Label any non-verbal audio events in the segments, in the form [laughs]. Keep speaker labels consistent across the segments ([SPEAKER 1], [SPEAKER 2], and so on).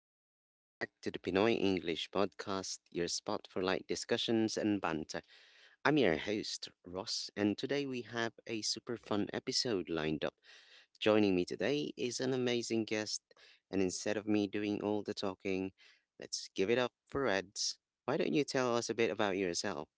[SPEAKER 1] Welcome back to the Pinoy English Podcast, your spot for light discussions and banter. I'm your host, Ross, and today we have a super fun episode lined up. Joining me today is an amazing guest, and instead of me doing all the talking, let's give it up for Reds. Why don't you tell us a bit about yourself?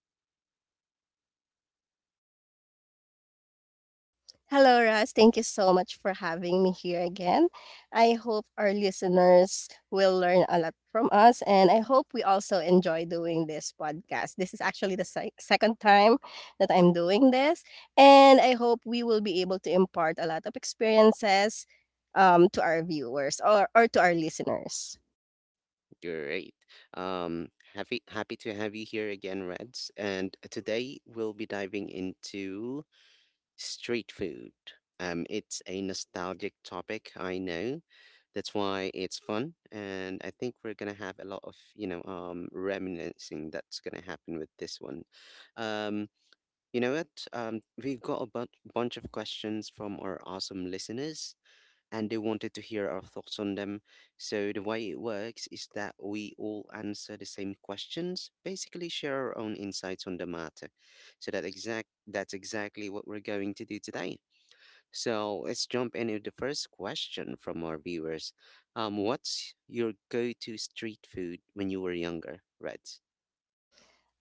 [SPEAKER 2] Hello, Russ. Thank you so much for having me here again. I hope our listeners will learn a lot from us, and I hope we also enjoy doing this podcast. This is actually the second time that I'm doing this, and I hope we will be able to impart a lot of experiences to our viewers or to our listeners.
[SPEAKER 1] Great. Um, happy to have you here again, Reds. And today we'll be diving into street food. It's a nostalgic topic, I know. That's why it's fun, and I think we're gonna have a lot of, reminiscing that's gonna happen with this one. Um, you know what? We've got bunch of questions from our awesome listeners, and they wanted to hear our thoughts on them. So, the way it works is that we all answer the same questions, basically share our own insights on the matter. So, that's exactly what we're going to do today. So, let's jump into the first question from our viewers. What's your go-to street food when you were younger, Reds?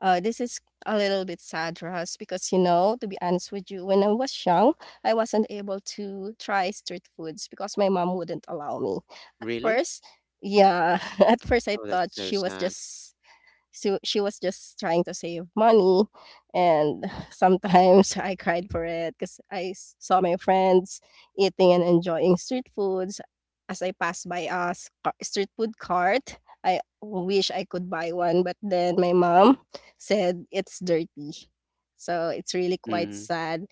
[SPEAKER 2] This is a little bit sad, Russ, because you know, to be honest with you, when I was young, I wasn't able to try street foods because my mom wouldn't allow me. At
[SPEAKER 1] Really?
[SPEAKER 2] first, yeah, [laughs] at first I
[SPEAKER 1] Oh,
[SPEAKER 2] thought
[SPEAKER 1] that's so
[SPEAKER 2] she was
[SPEAKER 1] sad.
[SPEAKER 2] just so she was just trying to save money, and [sighs] sometimes I cried for it because I saw my friends eating and enjoying street foods. As I passed by a street food cart, I wish I could buy one, but then my mom said it's dirty. So it's really quite
[SPEAKER 1] Mm-hmm.
[SPEAKER 2] sad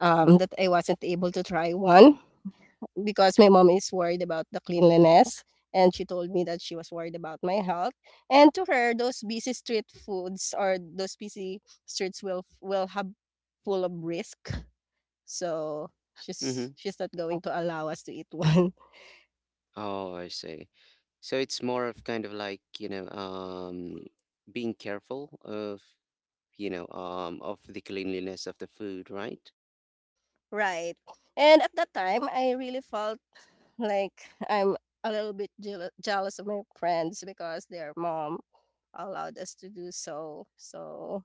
[SPEAKER 2] that I wasn't able to try one because my mom is worried about the cleanliness and she told me that she was worried about my health. And to her, those busy street foods or those busy streets will have full of risk. So she's
[SPEAKER 1] Mm-hmm.
[SPEAKER 2] she's not going to allow us to eat one.
[SPEAKER 1] Oh, I see. So it's more of kind of like, being careful of, of the cleanliness of the food, right?
[SPEAKER 2] [laughs] Right. And at that time, I really felt like I'm a little bit jealous of my friends because their mom allowed us to do so. So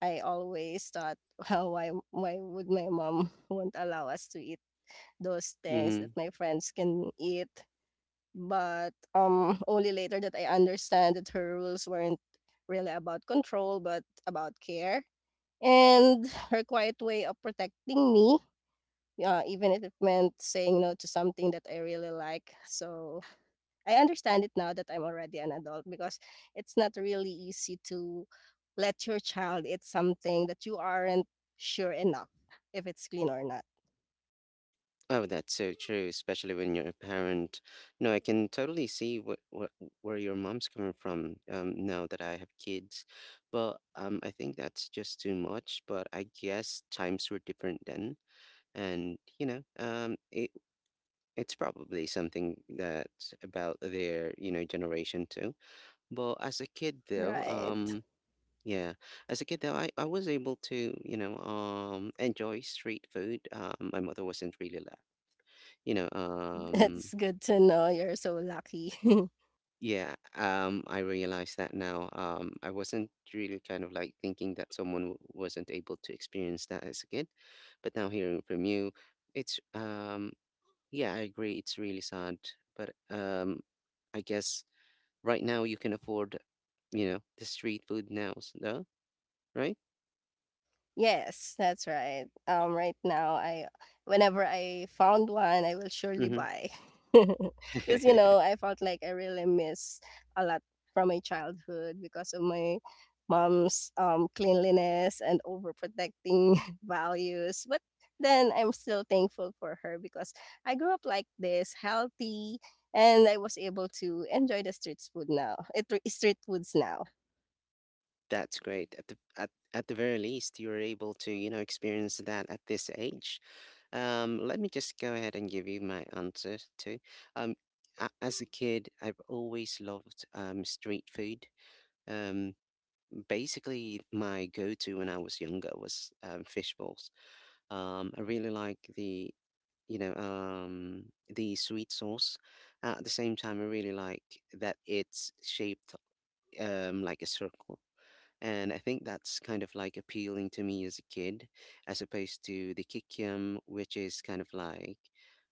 [SPEAKER 2] I always thought, well, why would my mom [laughs] won't allow us to eat those things
[SPEAKER 1] Mm-hmm.
[SPEAKER 2] that my friends can eat? But only later that I understand that her rules weren't really about control, but about care. And her quiet way of protecting me, even if it meant saying no to something that I really like. So I understand it now that I'm already an adult because it's not really easy to let your child eat something that you aren't sure enough if it's clean or not.
[SPEAKER 1] Oh, that's so true, especially when you're a parent. No, I can totally see what where your mom's coming from, now that I have kids. But I think that's just too much. But I guess times were different then. And, it, it's probably something that's about their, generation too. But as a kid though,
[SPEAKER 2] Right.
[SPEAKER 1] yeah, as a kid though, I was able to, enjoy street food. My mother wasn't really la you know,
[SPEAKER 2] [laughs]
[SPEAKER 1] um
[SPEAKER 2] That's good to know. You're so lucky. [laughs]
[SPEAKER 1] yeah, I realize that now. I wasn't really kind of like thinking that someone wasn't able to experience that as a kid, but now hearing from you it's yeah, I agree, it's really sad, but I guess right now, you can afford, the street food now, no? Right?
[SPEAKER 2] Yes, that's right. Right now, I whenever I found one, I will surely
[SPEAKER 1] Hmm.
[SPEAKER 2] buy. [laughs]
[SPEAKER 1] [laughs]
[SPEAKER 2] Because you know, I felt like I really miss a lot from my childhood because of my mom's cleanliness and overprotecting [laughs] values. But then I'm still thankful for her because I grew up like this, healthy, and I was able to enjoy the street food now. It street foods now.
[SPEAKER 1] That's great. At the very least, you're able to, experience that at this age. Let me just go ahead and give you my answer too. Um, as a kid, I've always loved street food. Um, basically, my go-to when I was younger was fish balls. I really like the you know, um, the sweet sauce. At the same time, I really like that it's shaped like a circle. And I think that's kind of like appealing to me as a kid, as opposed to the kikiam, which is kind of like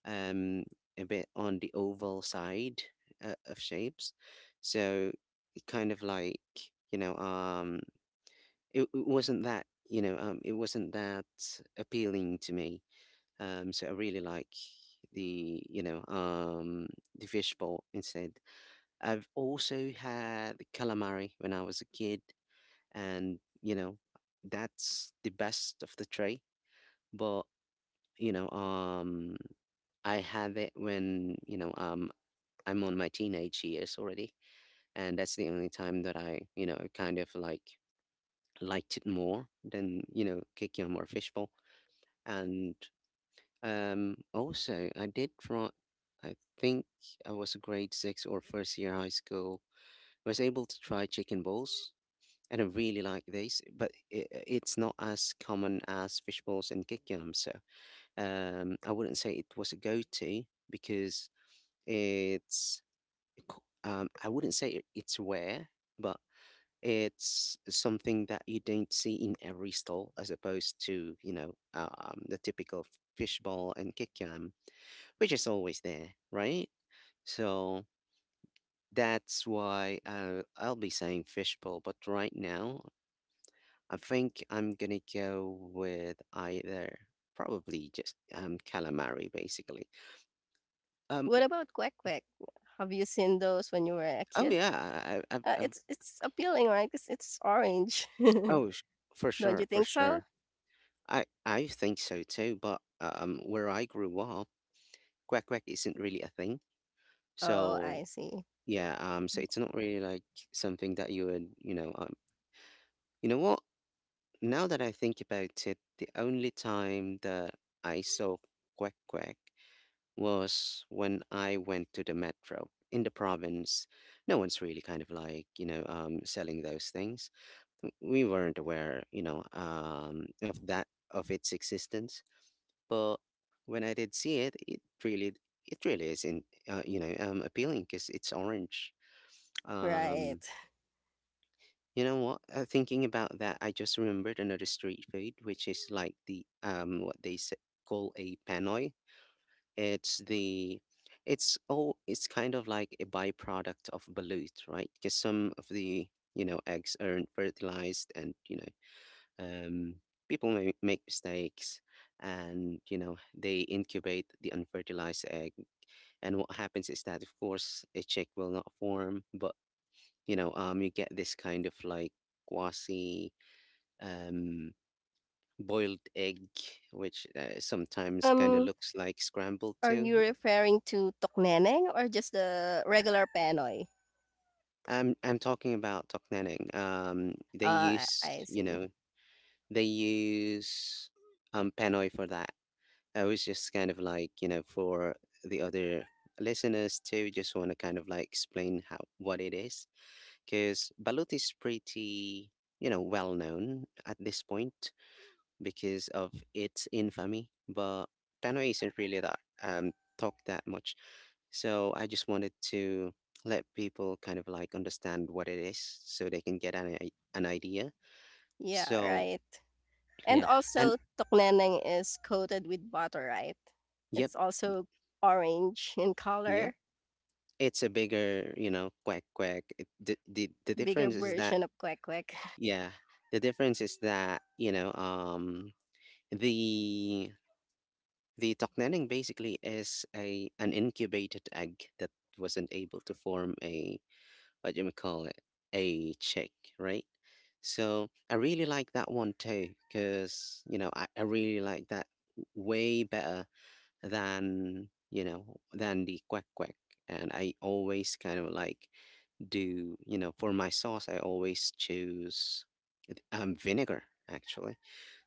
[SPEAKER 1] um, a bit on the oval side of shapes. So it kind of like, you know, um, it, it wasn't that, it wasn't that appealing to me, so I really like the the fishbowl instead. I've also had the calamari when I was a kid, and you know that's the best of the tray. But you know um I have it when I'm on my teenage years already, and that's the only time that I kind of like liked it more than kikiam or fishbowl. And also, I did try, I think I was a grade six or first year high school. I was able to try chicken balls, and I really like these, but it's not as common as fish balls and kick yam. So I wouldn't say it was a go-to because it's, I wouldn't say it's rare, but it's something that you don't see in every stall as opposed to, the typical fishball and kick, which is always there, right? So that's why I'll be saying fishbowl. But right now, I think I'm gonna go with either probably just calamari, basically. Um.
[SPEAKER 2] What about Kwek Kwek? Have you seen those when you were a
[SPEAKER 1] Oh
[SPEAKER 2] kid?
[SPEAKER 1] yeah.
[SPEAKER 2] It's appealing, right? Cause it's orange. [laughs]
[SPEAKER 1] Oh, for
[SPEAKER 2] Don't you
[SPEAKER 1] sure, for
[SPEAKER 2] think so?
[SPEAKER 1] sure. I think so too. But where I grew up, quack quack isn't really a thing.
[SPEAKER 2] Oh,
[SPEAKER 1] So
[SPEAKER 2] I see.
[SPEAKER 1] yeah. So it's not really like something that you would you know. You know what? Now that I think about it, the only time that I saw quack quack was when I went to the metro in the province. No one's really kind of like, selling those things. We weren't aware, of that, of its existence. But when I did see it, it really is in, appealing because it's orange. Um,
[SPEAKER 2] Right.
[SPEAKER 1] you know what? Thinking about that, I just remembered another street food, which is like the what they call a panoy. It's the it's kind of like a byproduct of balut, right? Because some of the eggs aren't fertilized, and um people may make mistakes, and you know they incubate the unfertilized egg, and what happens is that of course a chick will not form, but you get this kind of like quasi um, boiled egg, which sometimes kind of
[SPEAKER 2] Um,
[SPEAKER 1] looks like scrambled
[SPEAKER 2] are
[SPEAKER 1] too.
[SPEAKER 2] you referring to tokneneng or just the regular penoy?
[SPEAKER 1] I'm talking about Tokneneng. They
[SPEAKER 2] Uh, I
[SPEAKER 1] use
[SPEAKER 2] I see.
[SPEAKER 1] they use penoy for that. I was just kind of like for the other listeners too. Just want to kind of like explain how what it is because balut is pretty well known at this point because of its infamy, but Tannoy isn't really that talked that much. So I just wanted to let people kind of like understand what it is so they can get an, an idea.
[SPEAKER 2] Yeah,
[SPEAKER 1] So
[SPEAKER 2] right. And
[SPEAKER 1] yeah, and
[SPEAKER 2] also, tokneneng is coated with butter, right?
[SPEAKER 1] yep,
[SPEAKER 2] It's also orange in
[SPEAKER 1] yep.
[SPEAKER 2] color,
[SPEAKER 1] It's a bigger, quack quack. It, the
[SPEAKER 2] bigger
[SPEAKER 1] difference is that
[SPEAKER 2] version of kwek kwek. [laughs]
[SPEAKER 1] yeah, the difference is that the the Toknenning basically is a an incubated egg that wasn't able to form a, what do we call it, a chick, right? So I really like that one too, because you know I really like that way better than than the quack quack, and I always kind of like, do you know, for my sauce I always choose vinegar actually,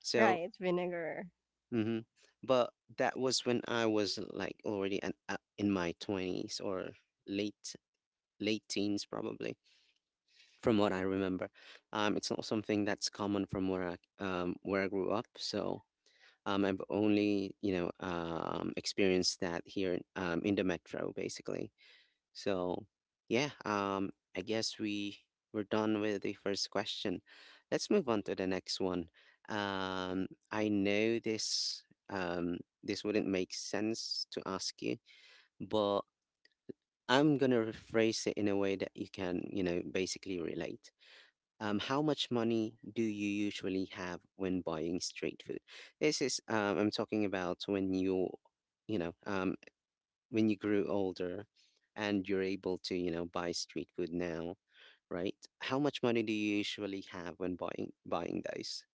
[SPEAKER 1] so.
[SPEAKER 2] Right, vinegar.
[SPEAKER 1] Hmm. But that was when I was like already in my 20s or late late teens probably from what I remember. It's not something that's common from where I grew up. So I've only experienced that here in the metro, basically. So yeah, I guess we're done with the first question. Let's move on to the next one. Um, I know this um, this wouldn't make sense to ask you, but I'm gonna rephrase it in a way that you can you know basically relate. How much money do you usually have when buying street food? This is, I'm talking about when you, you know, um, when you grew older and you're able to, buy street food now, right? How much money do you usually have when buying those?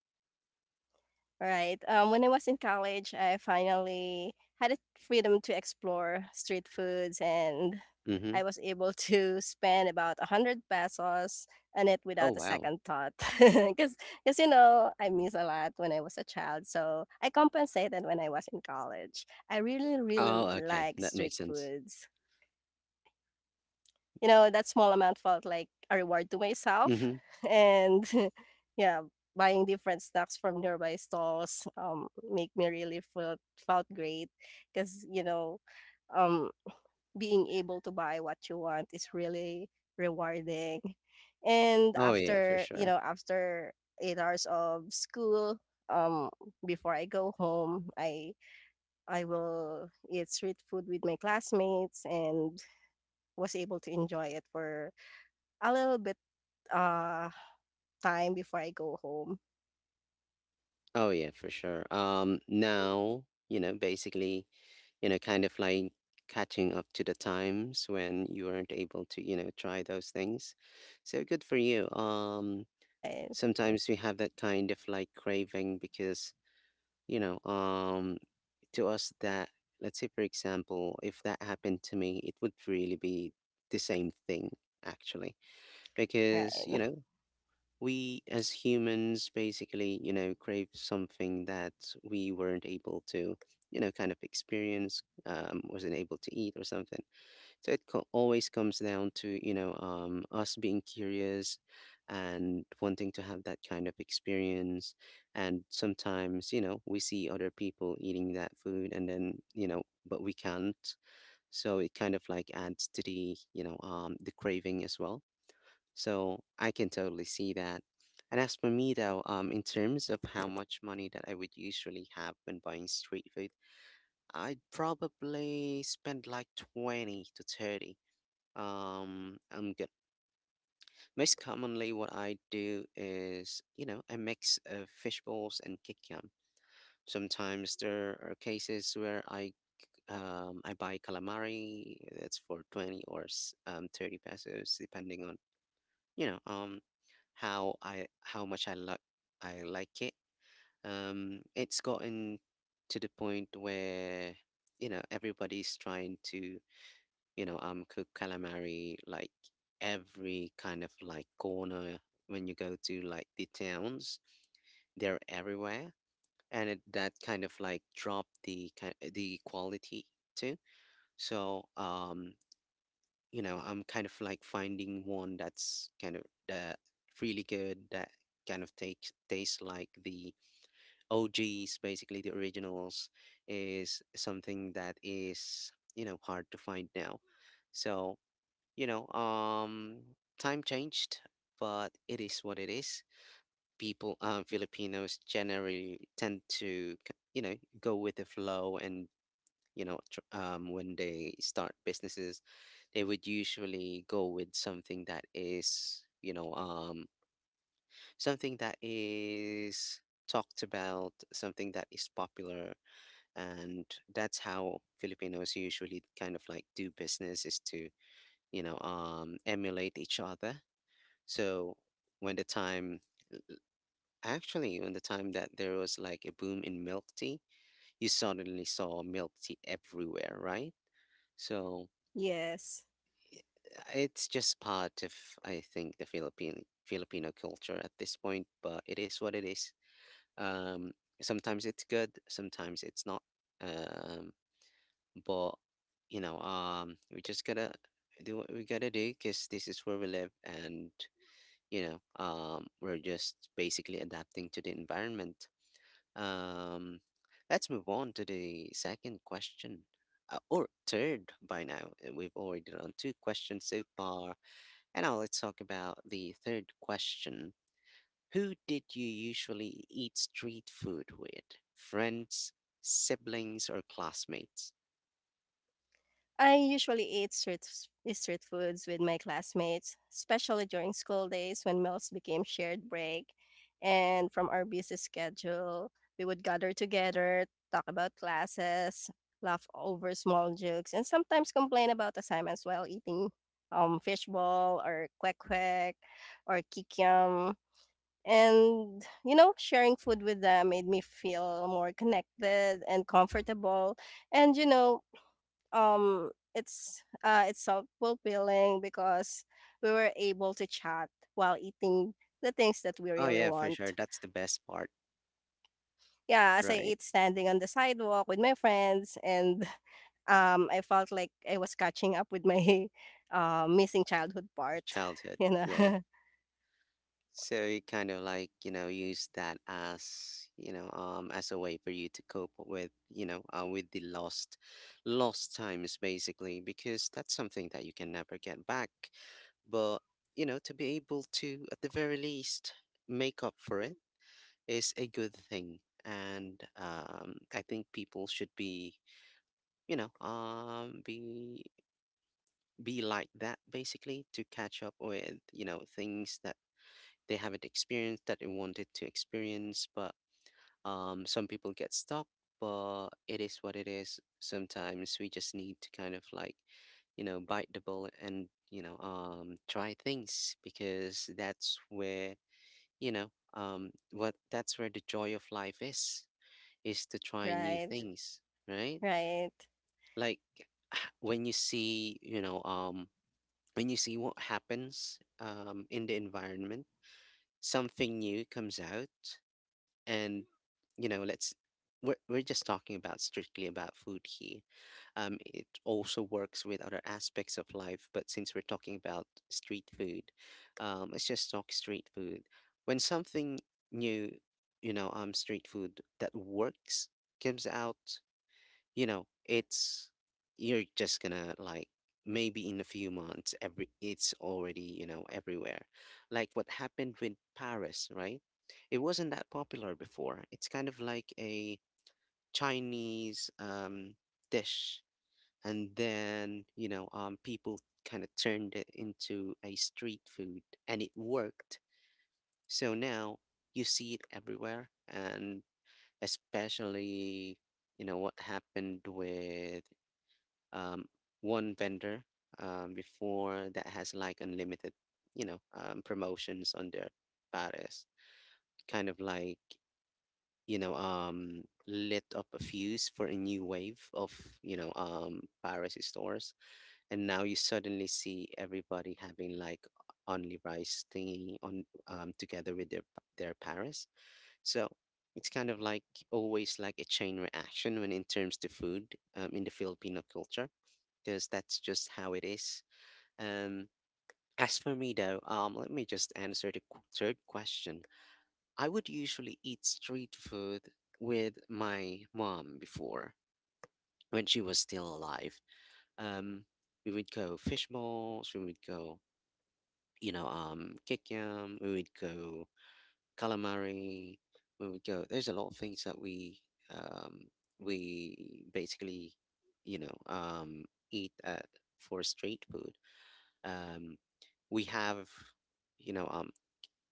[SPEAKER 2] Right. When I was in college, I finally had the freedom to explore street foods, and
[SPEAKER 1] Mm-hmm.
[SPEAKER 2] I was able to spend about 100 pesos on it
[SPEAKER 1] Oh,
[SPEAKER 2] without a
[SPEAKER 1] wow.
[SPEAKER 2] second thought. [laughs] Because, you know, I miss a lot when I was a child, so I compensated when I was in college. I really, really
[SPEAKER 1] Oh, okay.
[SPEAKER 2] like
[SPEAKER 1] That
[SPEAKER 2] street
[SPEAKER 1] makes sense.
[SPEAKER 2] foods. You know, that small amount felt like a reward to myself.
[SPEAKER 1] Mm-hmm.
[SPEAKER 2] [laughs] And [laughs] yeah, buying different snacks from nearby stalls make me really felt great because you know, um being able to buy what you want is really rewarding. And
[SPEAKER 1] Oh, yeah, for
[SPEAKER 2] after, you
[SPEAKER 1] sure.
[SPEAKER 2] know, after 8 hours of school, um before I go home, I will eat street food with my classmates and was able to enjoy it for a little bit, uh, time before I go home.
[SPEAKER 1] Oh, yeah, for sure. Now, you know, basically. You know, kind of like catching up to the times when you weren't able to, try those things. So good for you.
[SPEAKER 2] Right,
[SPEAKER 1] Sometimes we have that kind of like craving because, you know, um, to us that, let's say, for example, if that happened to me, it would really be the same thing actually because, you
[SPEAKER 2] right.
[SPEAKER 1] know, we as humans basically you know crave something that we weren't able to you know kind of experience, wasn't able to eat or something, so it always comes down to us being curious and wanting to have that kind of experience, and sometimes you know we see other people eating that food and then you know, but we can't, so it kind of like adds to the the craving as well, so I can totally see that. And as for me, though, in terms of how much money that I would usually have when buying street food, I'd probably spend like 20 to 30. I'm good. Most commonly, what I do is, you know, a mix of fish balls and kikiam. Sometimes there are cases where I buy calamari. That's for 20 or 30 pesos, depending on you know um how much I like I like it. It's gotten to the point where you know everybody's trying to cook calamari like every kind of like corner when you go to like the towns, they're everywhere, and that kind of like dropped the the quality too. So you know, I'm kind of like finding one that's kind of that really good, that kind of takes tastes like the OGs, basically the originals, is something that is, you know, hard to find now. So, you know, um time changed, but it is what it is. People, Filipinos generally tend to, you know, go with the flow and you know, when they start businesses, they would usually go with something that is, you know, something that is talked about, something that is popular, and that's how Filipinos usually kind of like do business, is to, emulate each other. So when the time when the time that there was like a boom in milk tea, you suddenly saw milk tea everywhere, right? So
[SPEAKER 2] Yes.
[SPEAKER 1] it's just part of, I think, the Philippine Filipino culture at this point, but it is what it is. Um, Sometimes it's good, sometimes it's not. Um, but we just gotta do what we gotta do because this is where we live, and we're just basically adapting to the environment. Um, let's move on to the second question, or third by now. We've already done two questions so far. And now let's talk about the third question. Who did you usually eat street food with? Friends, siblings, or classmates?
[SPEAKER 2] I usually eat street foods with my classmates, especially during school days when meals became shared break. And from our busy schedule, we would gather together, talk about classes, laugh over small jokes, and sometimes complain about assignments while eating fishball or kwek kwek or kikiam. And, you know, sharing food with them made me feel more connected and comfortable. And, you know, it's self-fulfilling because we were able to chat while eating the things that we
[SPEAKER 1] Oh,
[SPEAKER 2] really
[SPEAKER 1] yeah, for
[SPEAKER 2] want.
[SPEAKER 1] sure. That's the best part,
[SPEAKER 2] Yeah, as I
[SPEAKER 1] right?
[SPEAKER 2] ate standing on the sidewalk with my friends and [laughs] I felt like I was catching up with my [laughs] missing childhood part. [laughs]
[SPEAKER 1] Childhood.
[SPEAKER 2] You
[SPEAKER 1] Yeah.
[SPEAKER 2] know, [laughs]
[SPEAKER 1] So you kind of like, you know, use that as, you know, as a way for you to cope with, you know, with the lost times basically, because that's something that you can never get back. But, you know, to be able to, at the very least, make up for it is a good thing. And I think people should be, you know, be like that basically, to catch up with, you know, things that they haven't experienced, that they wanted to experience, but some people get stuck. But it is what it is. Sometimes we just need to kind of like you know bite the bullet, and you know try things, because that's where you know what that's where the joy of life is to try new
[SPEAKER 2] right,
[SPEAKER 1] things, right?
[SPEAKER 2] right.
[SPEAKER 1] Like when you see when you see what happens in the environment, something new comes out, and you know, let's we're just talking about strictly about food here. It also works with other aspects of life, but since we're talking about street food, let's just talk street food. When something new, you know street food that works, comes out, you know, it's you're just gonna like maybe in a few months, every it's already, you know, everywhere, like what happened with paris, right? It wasn't that popular before. It's kind of like a chinese dish, and then you know people kind of turned it into a street food, and it worked. So now you see it everywhere. And especially you know what happened with um, one vendor before, that has like unlimited, you know, promotions on their pares. Kind of like, you know, lit up a fuse for a new wave of, you know, pares stores. And now you suddenly see everybody having like only rice thingy on together with their pares. So it's kind of like always like a chain reaction when in terms to food, in the Filipino culture, because that's just how it is. Um, as for me, though, let me just answer the third question. I would usually eat street food with my mom before, when she was still alive. Um, we would go fish balls, we would go, you know, kikyam, we would go calamari, we would go. There's a lot of things that um, we basically, you know, eat at for street food. Um, we have, you know,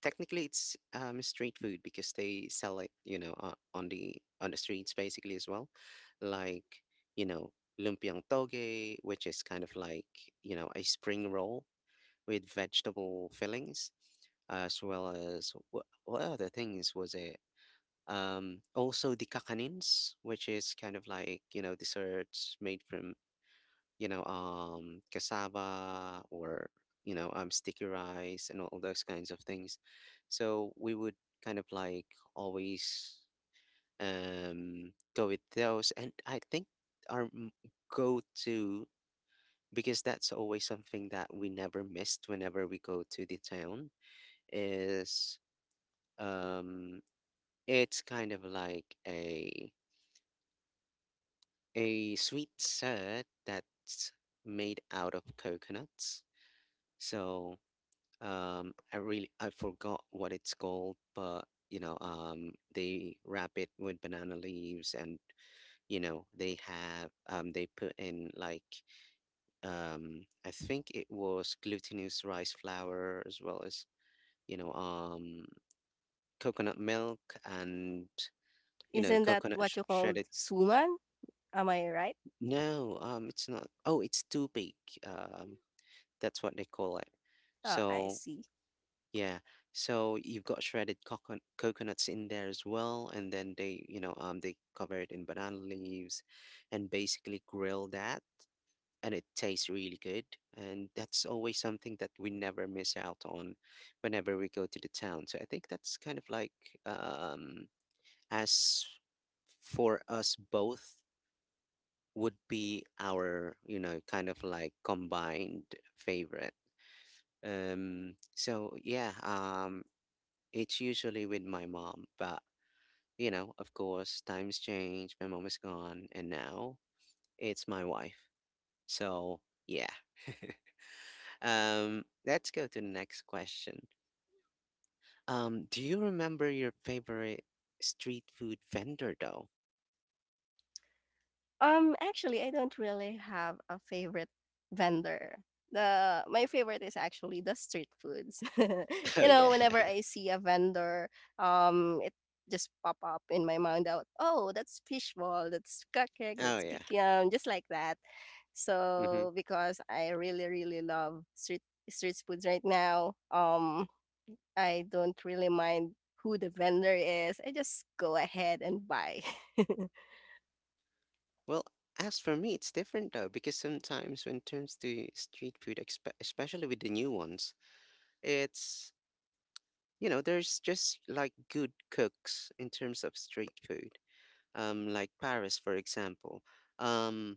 [SPEAKER 1] technically it's street food because they sell it, you know, on the streets basically as well, like you know, lumpiang toge, which is kind of like you know a spring roll with vegetable fillings, as well as what other things was it? Also the kakanins, which is kind of like you know desserts made from you know, cassava, or, you know, sticky rice and all those kinds of things. So we would kind of like always go with those. And I think our m- go-to, because that's always something that we never missed whenever we go to the town, is um, it's kind of like a sweet set that's made out of coconuts. So um, I really, I forgot what it's called, but you know they wrap it with banana leaves, and you know they have they put in like I think it was glutinous rice flour, as well as you know coconut milk, and you know
[SPEAKER 2] Isn't that
[SPEAKER 1] coconut
[SPEAKER 2] what you call
[SPEAKER 1] shredded.
[SPEAKER 2] suman? Am I right?
[SPEAKER 1] No, it's not. Oh, it's too big. um that's what they call it.
[SPEAKER 2] Oh, I
[SPEAKER 1] So
[SPEAKER 2] see.
[SPEAKER 1] yeah. So you've got shredded coconuts in there as well, and then they, you know, they cover it in banana leaves, and basically grill that, and it tastes really good. And that's always something that we never miss out on, whenever we go to the town. So I think that's kind of like, um, as for us both, would be our, you know, kind of like combined favorite. So yeah, it's usually with my mom, but you know, of course, times change. My mom is gone, and now it's my wife. So yeah. [laughs] Let's go to the next question. Do you remember your favorite street food vendor though?
[SPEAKER 2] Actually, I don't really have a favorite vendor. The my favorite is actually the street foods. [laughs]
[SPEAKER 1] [laughs] Oh
[SPEAKER 2] You know,
[SPEAKER 1] yeah.
[SPEAKER 2] whenever I see a vendor, it just pop up in my mind out. Oh, that's fishball. That's cupcake.
[SPEAKER 1] [laughs] Oh
[SPEAKER 2] That's
[SPEAKER 1] yeah.
[SPEAKER 2] kikiam. Just like that.
[SPEAKER 1] hmm
[SPEAKER 2] So because I really love street foods right now, I don't really mind who the vendor is. I just go ahead and buy. [laughs]
[SPEAKER 1] Well, as for me, it's different though, because sometimes when it comes to street food, especially with the new ones, it's, you know, there's just like good cooks in terms of street food. Like Paris, for example. Um,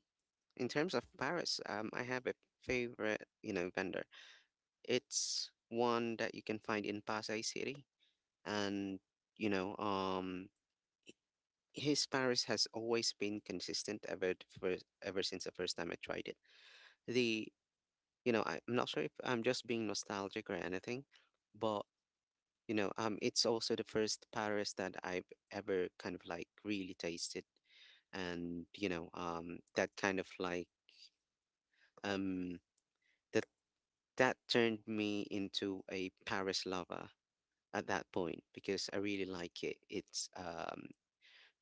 [SPEAKER 1] in terms of Paris, I have a favorite, you know, vendor. It's one that you can find in Pasay City, and you know, his Paris has always been consistent ever since the first time I tried it. The You know, I'm not sure if I'm just being nostalgic or anything, but you know, it's also the first Paris that I've ever kind of like really tasted, and you know, that kind of like um, that that turned me into a Paris lover at that point, because I really like it. It's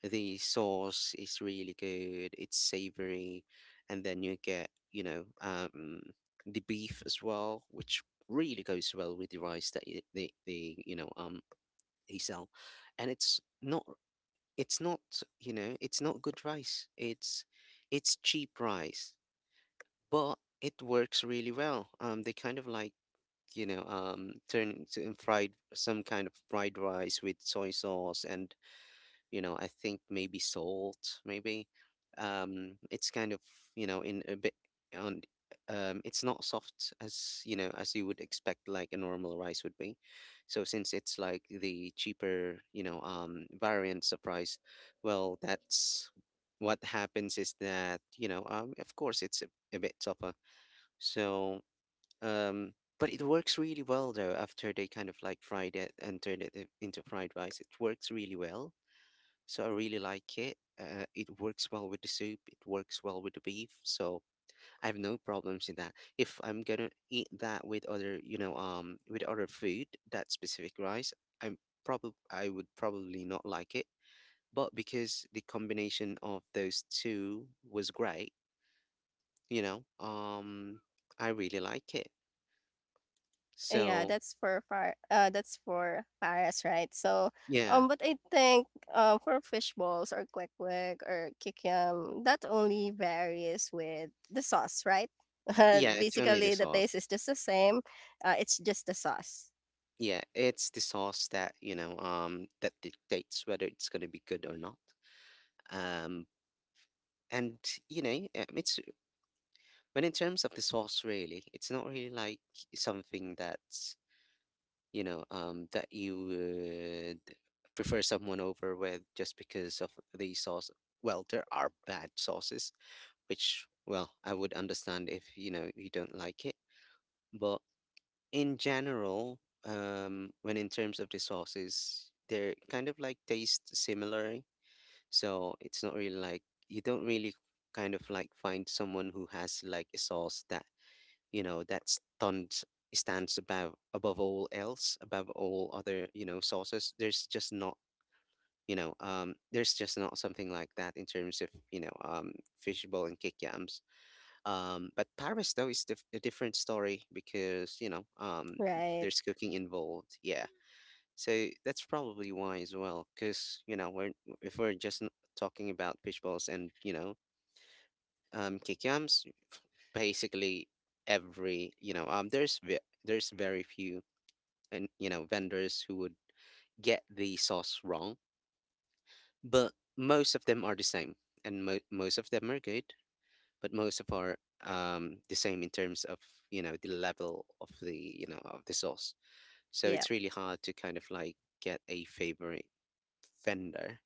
[SPEAKER 1] the sauce is really good. It's savory, and then you get, you know, the beef as well, which really goes well with the rice that they you know they sell, and it's not it's not you know it's not good rice. It's cheap rice, but it works really well. They kind of like you know turn to and fried some kind of fried rice with soy sauce, and you know I think maybe salt maybe. It's kind of you know in a bit on. It's not soft as you know as you would expect like a normal rice would be, so since it's like the cheaper you know variants of rice, well that's what happens, is that you know of course a bit tougher. So um but it works really well though. After they kind of like fried it and turned it into fried rice, it works really well. So I really like it. It works well with the soup. It works well with the beef. So I have no problems in that. If I'm gonna eat that with other, you know, with other food, that specific rice, I'm I would probably not like it. But because the combination of those two was great, you know, I really like it.
[SPEAKER 2] Yeah,
[SPEAKER 1] So
[SPEAKER 2] that's for far that's for Paris, right? So
[SPEAKER 1] yeah,
[SPEAKER 2] but I think for fish balls or kwek or kikiam, that only varies with the sauce, right?
[SPEAKER 1] yeah,
[SPEAKER 2] [laughs]
[SPEAKER 1] it's only the
[SPEAKER 2] Basically the taste
[SPEAKER 1] sauce.
[SPEAKER 2] is just the same. It's just the sauce.
[SPEAKER 1] Yeah, it's the sauce that, you know, that dictates whether it's gonna be good or not. um and you know it's when in terms of the sauce really, it's not really like something that's you know that you would prefer someone over with just because of the sauce. Well, there are bad sauces, which well I would understand if you know you don't like it, but in general, when in terms of the sauces, they're kind of like taste similar. So it's not really like you don't really kind of like find someone who has like a sauce that, you know, that stands above all else, above all other, you know, sauces. There's just not something like that in terms of fishball and kick yams. But Paris though is a different story because
[SPEAKER 2] Right.
[SPEAKER 1] there's cooking involved. Yeah. So that's probably why as well, because you know we're if we're just talking about fishbowls and kikiams, basically every you know there's there's very few and you know vendors who would get the sauce wrong, but most of them are the same, and most of them are good, but most of are the same in terms of the level of the of the sauce. So
[SPEAKER 2] Yeah.
[SPEAKER 1] it's really hard to kind of like get a favorite vendor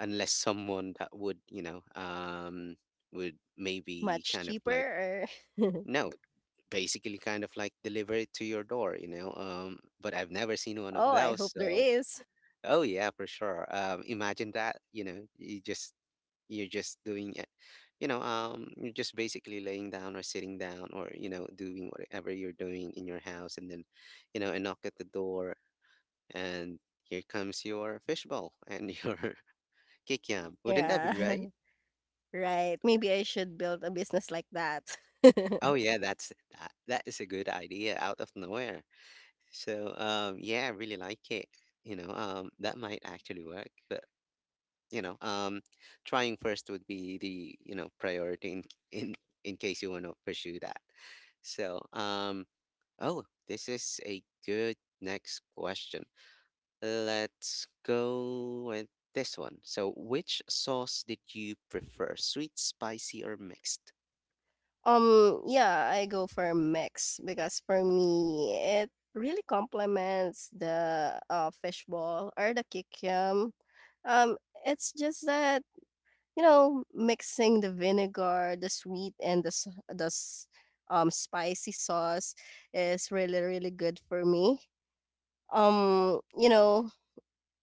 [SPEAKER 1] unless someone that would would maybe
[SPEAKER 2] Much
[SPEAKER 1] kind of
[SPEAKER 2] cheaper
[SPEAKER 1] like.
[SPEAKER 2] or [laughs]
[SPEAKER 1] No. Basically kind of like deliver it to your door, but I've never seen one of
[SPEAKER 2] oh I
[SPEAKER 1] those,
[SPEAKER 2] hope there
[SPEAKER 1] so
[SPEAKER 2] is.
[SPEAKER 1] oh yeah, for sure. Imagine that, you just you're just doing it, you're just basically laying down or sitting down or doing whatever you're doing in your house, and then a knock at the door, and here comes your fishbowl and [laughs] your kikiam. Wouldn't that be
[SPEAKER 2] Yeah.
[SPEAKER 1] great?
[SPEAKER 2] [laughs] Right. Maybe I should build a business like that.
[SPEAKER 1] Oh
[SPEAKER 2] [laughs]
[SPEAKER 1] yeah, that is a good idea out of nowhere. So yeah, I really like it. That might actually work, but you know, um trying first would be the, priority in in, in case you want to pursue that. So, oh, this is a good next question. Let's go with this one. So, which sauce did you prefer? Sweet, spicy, or mixed?
[SPEAKER 2] Yeah, I go for a mix because for me it really complements the fishball or the kikiam. Um, it's just that you know mixing the vinegar, the sweet, and the spicy sauce is really really good for me. You know,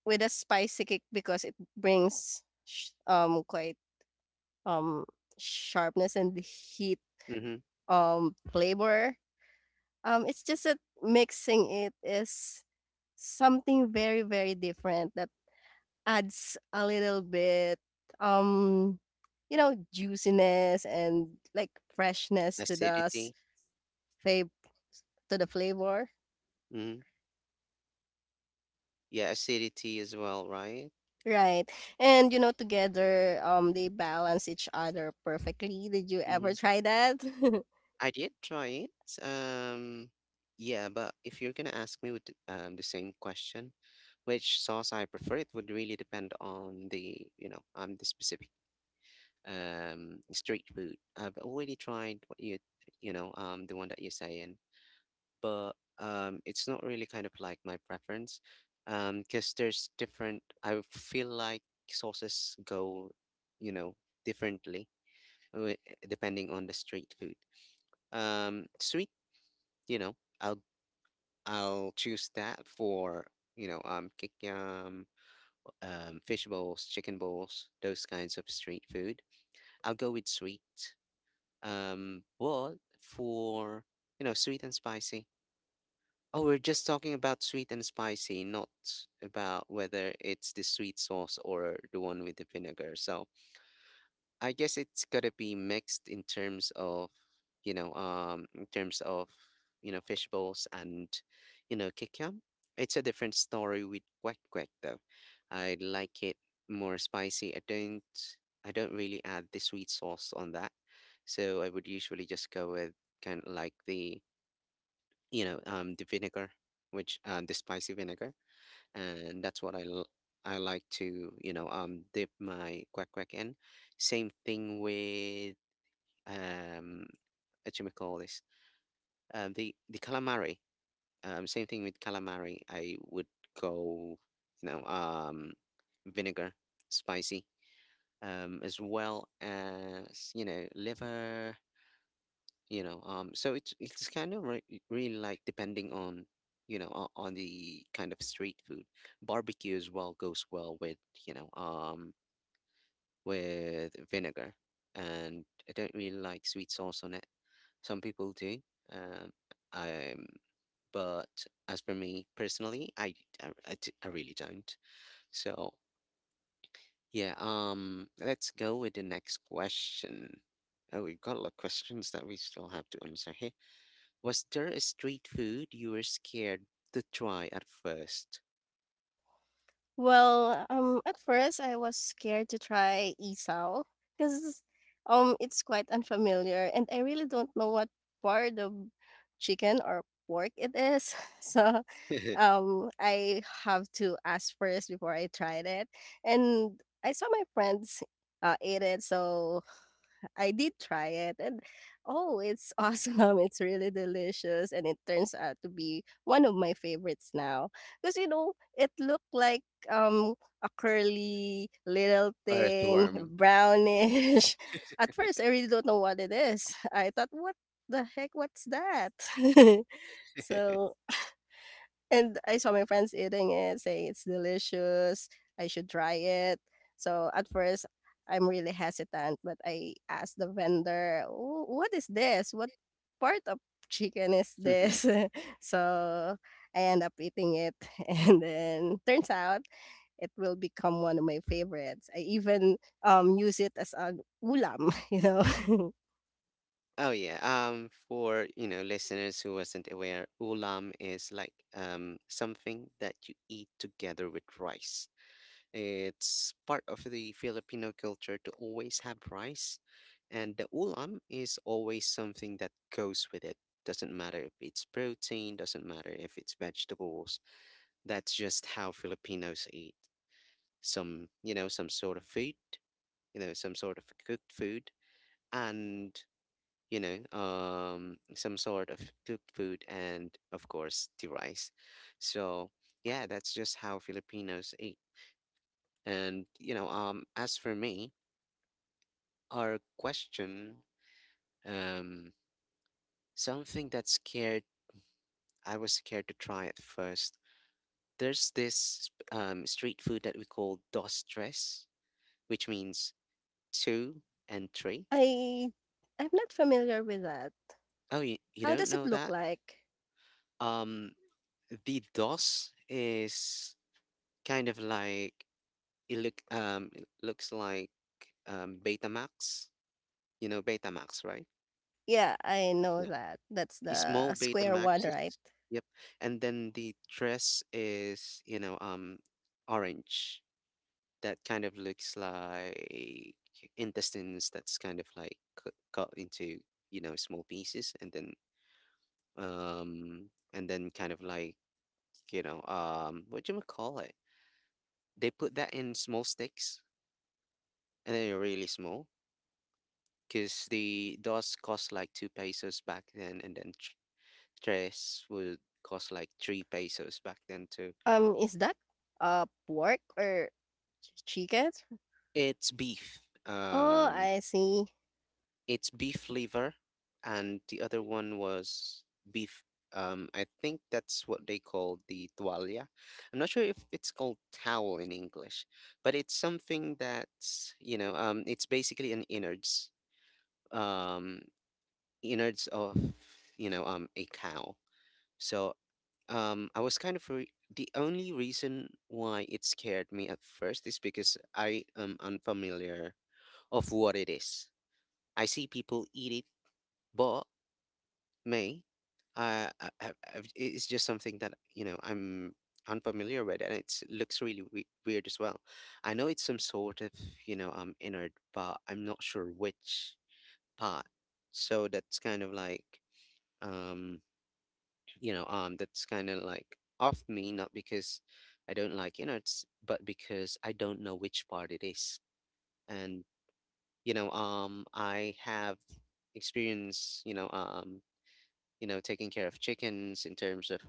[SPEAKER 2] with a spicy kick because it brings quite um sharpness and heat
[SPEAKER 1] Mhm.
[SPEAKER 2] flavor. It's just that mixing it is something very, very different that adds a little bit, um, you know, juiciness and like freshness to
[SPEAKER 1] Acidity.
[SPEAKER 2] fav- to the flavor.
[SPEAKER 1] Mm-hmm. Yeah, acidity as well, right?
[SPEAKER 2] Right. And you know, together, they balance each other perfectly. Did you ever
[SPEAKER 1] Mm-hmm.
[SPEAKER 2] try that? [laughs]
[SPEAKER 1] I did try it. Um, yeah, but if you're gonna ask me with the same question, which sauce I prefer, it would really depend on the, the specific street food. I've already tried what you know, the one that you're saying, but it's not really kind of like my preference, because there's different. I feel like sauces go, you know, differently wi- depending on the street food. Sweet, you know, I'll I'll choose that for kikyam, fish balls, chicken balls, those kinds of street food. I'll go with sweet. But for sweet and spicy. Oh, we're just talking about sweet and spicy, not about whether it's the sweet sauce or the one with the vinegar. So I guess it's gotta be mixed in terms of, in terms of, fish balls and, kikiam. It's a different story with quack quack though. I like it more spicy. I don't really add the sweet sauce on that, so I would usually just go with kind of like the, the vinegar, which the spicy vinegar, and that's what I like to dip my quack quack in. Same thing with um what you call this the calamari. Same thing with calamari. I would go you know um vinegar, spicy, as well as liver, so it's kind of really like depending on, on the kind of street food. Barbecue as well goes well with, you know um with vinegar, and I don't really like sweet sauce on it. Some people do, um um but as for me personally, I really don't. So yeah, let's go with the next question. Oh, we've got a lot of questions that we still have to answer here. Was there a street food you were scared to try at first?
[SPEAKER 2] Well, at first I was scared to try isaw because it's quite unfamiliar and I really don't know what part of chicken or pork it is. [laughs] So
[SPEAKER 1] [laughs]
[SPEAKER 2] I have to ask first before I tried it. And I saw my friends ate it, so I did try it and oh, it's awesome. [laughs] It's really delicious and it turns out to be one of my favorites now. Because you know, it looked like um a curly little thing,
[SPEAKER 1] Earthworm.
[SPEAKER 2] brownish. [laughs] At first I really don't know what it is. I thought what the heck what's that? [laughs]
[SPEAKER 1] [laughs]
[SPEAKER 2] So and I saw my friends eating it, saying it's delicious, I should try it. So at first, I'm really hesitant, but I asked the vendor, "What is this? What part of chicken is this?" [laughs] So I end up eating it, [laughs] and then turns out it will become one of my favorites. I even use it as an ulam, [laughs] you know. [laughs]
[SPEAKER 1] Oh yeah. For listeners who wasn't aware, ulam is like something that you eat together with rice. It's part of the Filipino culture to always have rice, and the ulam is always something that goes with it. Doesn't matter if it's protein, doesn't matter if it's vegetables. That's just how Filipinos eat. Some some sort of food, some sort of cooked food, and some sort of cooked food, and of course the rice. So yeah, that's just how Filipinos eat. And as for me, our question, um something that scared I was scared to try at first. There's this street food that we call dos tres, which means two and three.
[SPEAKER 2] I I'm not familiar with that.
[SPEAKER 1] Oh, you
[SPEAKER 2] How
[SPEAKER 1] don't
[SPEAKER 2] does it
[SPEAKER 1] know
[SPEAKER 2] look
[SPEAKER 1] that?
[SPEAKER 2] like?
[SPEAKER 1] um the DOS is kind of like it looks like Betamax. You know Betamax, right?
[SPEAKER 2] Yeah, I know
[SPEAKER 1] Yeah.
[SPEAKER 2] that. That's
[SPEAKER 1] A
[SPEAKER 2] the
[SPEAKER 1] small
[SPEAKER 2] square one, right?
[SPEAKER 1] Betamaxes. Yep. And then the dress is, orange. That kind of looks like intestines that's kind of like cut into, small pieces, and then kind of like, what do you call it? They put that in small sticks, and then really small, because the DOS cost like 2 pesos back then, and then tres would cost like 3 pesos back then too.
[SPEAKER 2] Is that pork or chicken?
[SPEAKER 1] It's beef.
[SPEAKER 2] Oh,
[SPEAKER 1] Um,
[SPEAKER 2] I see.
[SPEAKER 1] it's beef liver, and the other one was beef. I think that's what they call the tualia. I'm not sure if it's called towel in English, but it's something that's, it's basically an innards. Um, Innards of, a cow. So I was kind of re- the only reason why it scared me at first is because I am unfamiliar of what it is. I see people eat it, but me I, I've- it's just something that, I'm unfamiliar with, and it looks really weird as well. I know it's some sort of, innard, but I'm not sure which part. So that's kind of like, um that's kind of like off me, not because I don't like innards, but because I don't know which part it is. And I have experience, taking care of chickens in terms of,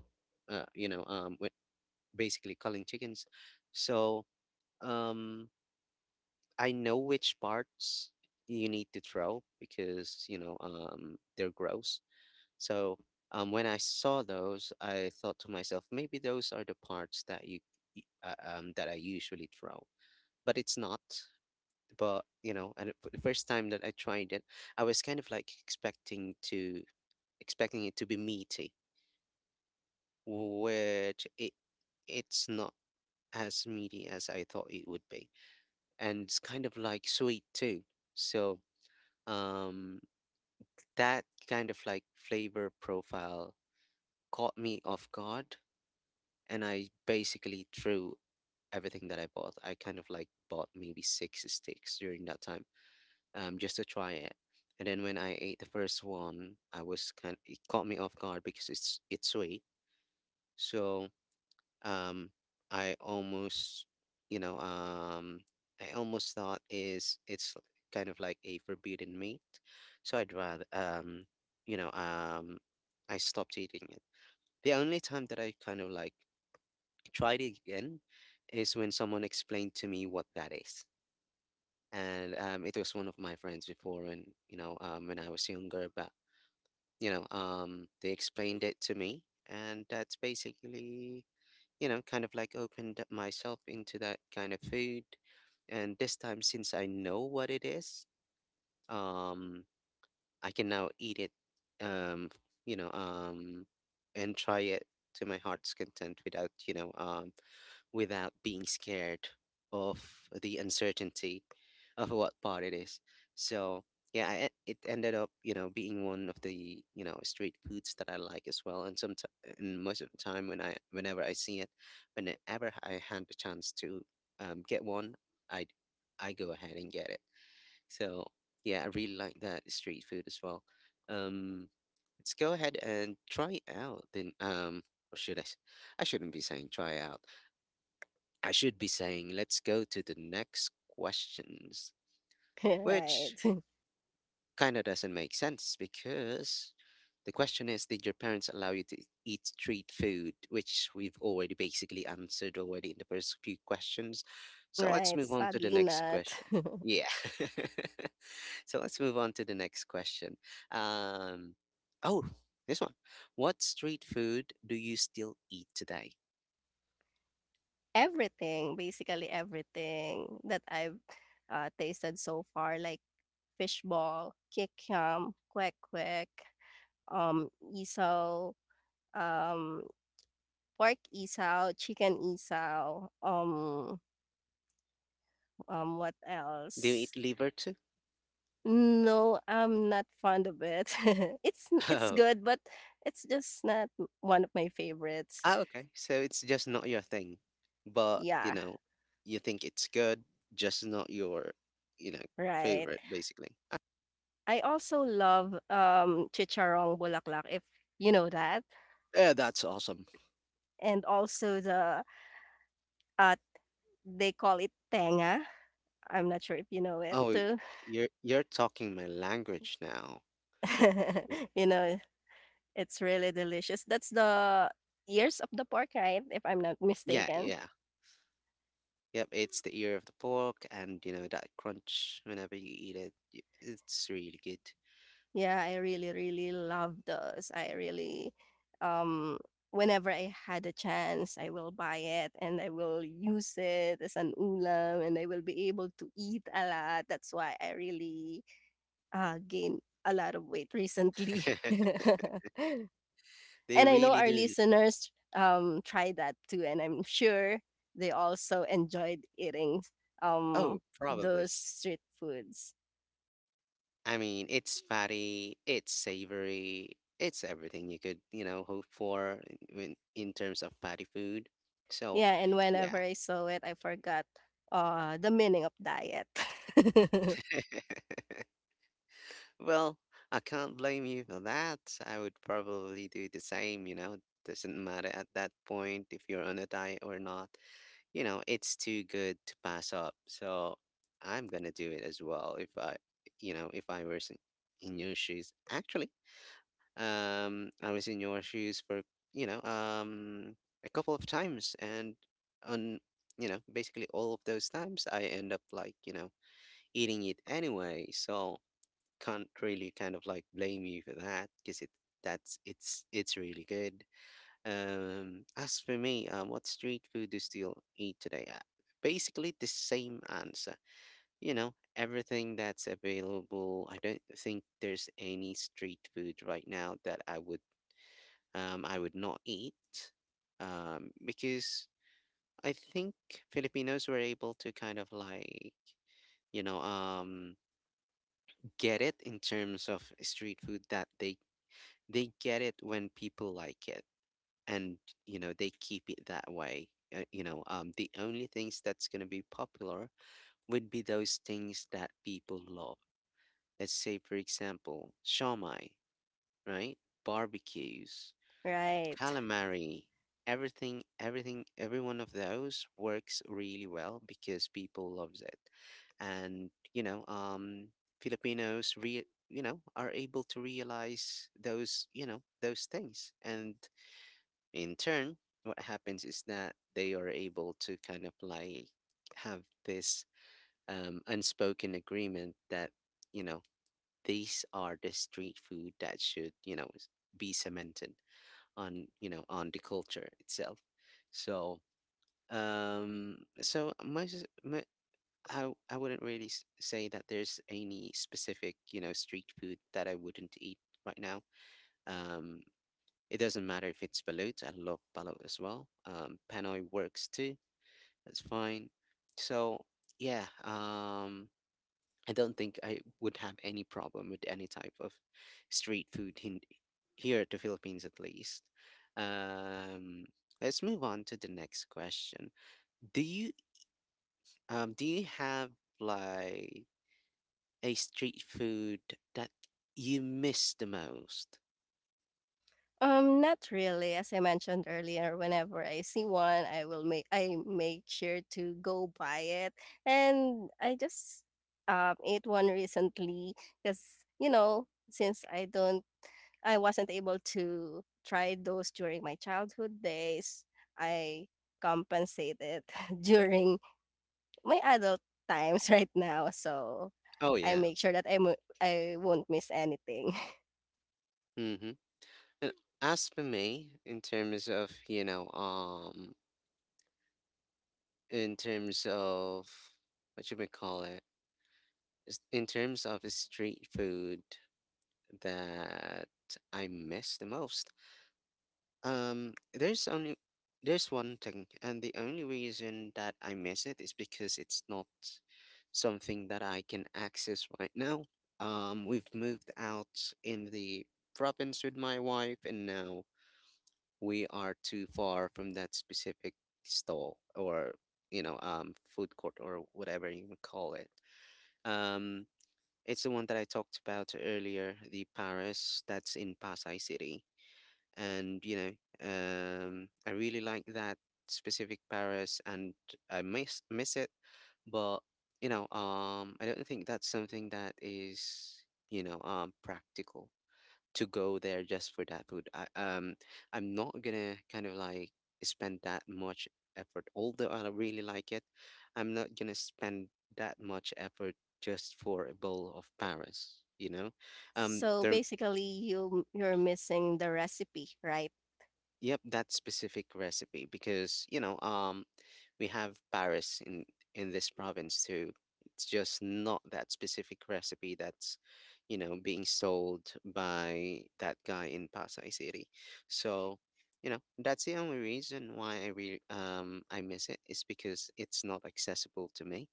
[SPEAKER 1] uh you know um wi- basically culling chickens. So, um I know which parts you need to throw because, they're gross. So when I saw those, I thought to myself, maybe those are the parts that that I usually throw, but it's not. But and for the first time that I tried it, I was kind of like expecting it to be meaty, which it it's not as meaty as I thought it would be, and it's kind of like sweet too. So um, that kind of like flavor profile caught me off guard, and I basically threw everything that I bought. I kind of like bought maybe six sticks during that time, just to try it. And then when I ate the first one, I was kind it caught me off guard because it's sweet. So um, I almost, you know, um, I almost thought is it's kind of like a forbidden meat. So I'd rather, you know, um, I stopped eating it. The only time that I kind of like tried it again is when someone explained to me what that is. And it was one of my friends before, and when I was younger, but they explained it to me, and that's basically, kind of like opened up myself into that kind of food. And this time, since I know what it is, um, I can now eat it, um, you know, um, and try it to my heart's content without, without being scared of the uncertainty of what part it is. So yeah, it ended up, being one of the, street foods that I like as well. And most of the time, whenever I see it, whenever I had the chance to get one, I, I go ahead and get it. So yeah, I really like that street food as well. Um, let's go ahead and try out. Then or should I? I shouldn't be saying try out. I should be saying let's go to the next questions,
[SPEAKER 2] [laughs] Right.
[SPEAKER 1] which
[SPEAKER 2] [laughs]
[SPEAKER 1] kind of doesn't make sense because the question is, did your parents allow you to eat street food, which we've already basically answered already in the first few questions. So let's
[SPEAKER 2] Right.
[SPEAKER 1] move on to the
[SPEAKER 2] Sadly
[SPEAKER 1] next
[SPEAKER 2] not.
[SPEAKER 1] question.
[SPEAKER 2] [laughs]
[SPEAKER 1] Yeah. [laughs] So let's move on to the next question. um oh, this one. What street food do you still eat today?
[SPEAKER 2] Everything, basically everything that I've tasted so far, like fishball, kikiam, kwek kwek, um, isaw, um, pork isaw, chicken isaw, what
[SPEAKER 1] Do you eat
[SPEAKER 2] else?
[SPEAKER 1] liver too?
[SPEAKER 2] No, I'm not fond of it. [laughs] It's
[SPEAKER 1] [laughs]
[SPEAKER 2] good, but it's just not one of my favorites.
[SPEAKER 1] Ah, okay. So it's just not your thing, but,
[SPEAKER 2] Yeah,
[SPEAKER 1] you think it's good, just not your, you know,
[SPEAKER 2] right.
[SPEAKER 1] favorite, basically. Ah,
[SPEAKER 2] I also love chicharong bulaklak if you know that,
[SPEAKER 1] yeah, that's awesome.
[SPEAKER 2] and also the uh they call it tenga. I'm not sure if you know it
[SPEAKER 1] Oh,
[SPEAKER 2] too.
[SPEAKER 1] you're talking my language now.
[SPEAKER 2] [laughs] You know, it's really delicious. That's the ears of the pork, right? If I'm not
[SPEAKER 1] Yeah,
[SPEAKER 2] mistaken.
[SPEAKER 1] yeah. Yep, it's the ear of the pork and you know that crunch whenever you eat it. It's really good.
[SPEAKER 2] Yeah, I really, really love those. I really, um, whenever I had a chance, I will buy it and I will use it as an ulam and I will be able to eat a lot. That's why I really gained a lot of weight recently. [laughs]
[SPEAKER 1] [laughs]
[SPEAKER 2] And
[SPEAKER 1] They
[SPEAKER 2] I know
[SPEAKER 1] really
[SPEAKER 2] our
[SPEAKER 1] do.
[SPEAKER 2] listeners try that too, and I'm sure they also enjoyed eating um,
[SPEAKER 1] Oh, probably.
[SPEAKER 2] those street foods.
[SPEAKER 1] I mean, it's fatty, it's savory, it's everything you could hope for in terms of fatty food. So,
[SPEAKER 2] Yeah, and whenever
[SPEAKER 1] yeah.
[SPEAKER 2] I saw it, I forgot, the meaning of diet. [laughs]
[SPEAKER 1] Well, I can't blame you for that. I would probably do the same. Doesn't matter at that point if you're on a diet or not. It's too good to pass up. So, I'm gonna do it as well if I were in your shoes. Actually, I was in your shoes for, you know, um, a couple of times, and on basically all of those times, I end up like eating it anyway. So can't really kind of like blame you for that because it that's it's really good. As for me, what street food do you still eat today? Basically the same answer. Everything that's available. I don't think there's any street food right now that I would not eat, because I think Filipinos were able to kind of like, you know um, get it in terms of street food that they get it when people like it, and they keep it that way. The only things that's going to be popular would be those things that people love. Let's say, for example, shawmai, right? Barbecues,
[SPEAKER 2] Right.
[SPEAKER 1] calamari, everything, every one of those works really well because people loves it, and Filipinos are able to realize those you know those things, and in turn what happens is that they are able to kind of like have this unspoken agreement that, you know these are the street food that should, be cemented on, on the culture itself. So um so my, s- my I wouldn't really say that there's any specific street food that I wouldn't eat right now. Um it doesn't matter if it's balut. I love balut as well. Panoy works too. That's fine. So yeah. I don't think I would have any problem with any type of street food in here at the Philippines, at least. Um, let's move on to the next question. Do you do you have like a street food that you miss the most?
[SPEAKER 2] Not really. As I mentioned earlier, whenever I see one, I make sure to go buy it. And I just ate one recently because, you know, since I don't I wasn't able to try those during my childhood days, I compensated [laughs] during my adult times right now. So
[SPEAKER 1] Oh
[SPEAKER 2] I
[SPEAKER 1] yeah.
[SPEAKER 2] make sure that I won't miss anything. [laughs]
[SPEAKER 1] Mm-hmm. And as for me, in terms of you know in terms of, what should we call it? In terms of street food that I miss the most. Um, there's only there's one thing, and the only reason that I miss it is because it's not something that I can access right now. We've moved out in the province with my wife, and now we are too far from that specific stall, or food court, or whatever you would call it. Um, it's the one that I talked about earlier, the Paris that's in Pasay City. And I really like that specific Paris, and I miss it, but, I don't think that's something that is practical to go there just for that food. I'm not gonna kind of like spend that much effort, although I really like it. I'm not gonna spend that much effort just for a bowl of Paris, you know?
[SPEAKER 2] So
[SPEAKER 1] There
[SPEAKER 2] basically, you're missing the recipe, right?
[SPEAKER 1] Yep, that specific recipe because, we have Paris in this province too. It's just not that specific recipe that's being sold by that guy in Pasay City. So that's the only reason why I miss it, is because it's not accessible to me.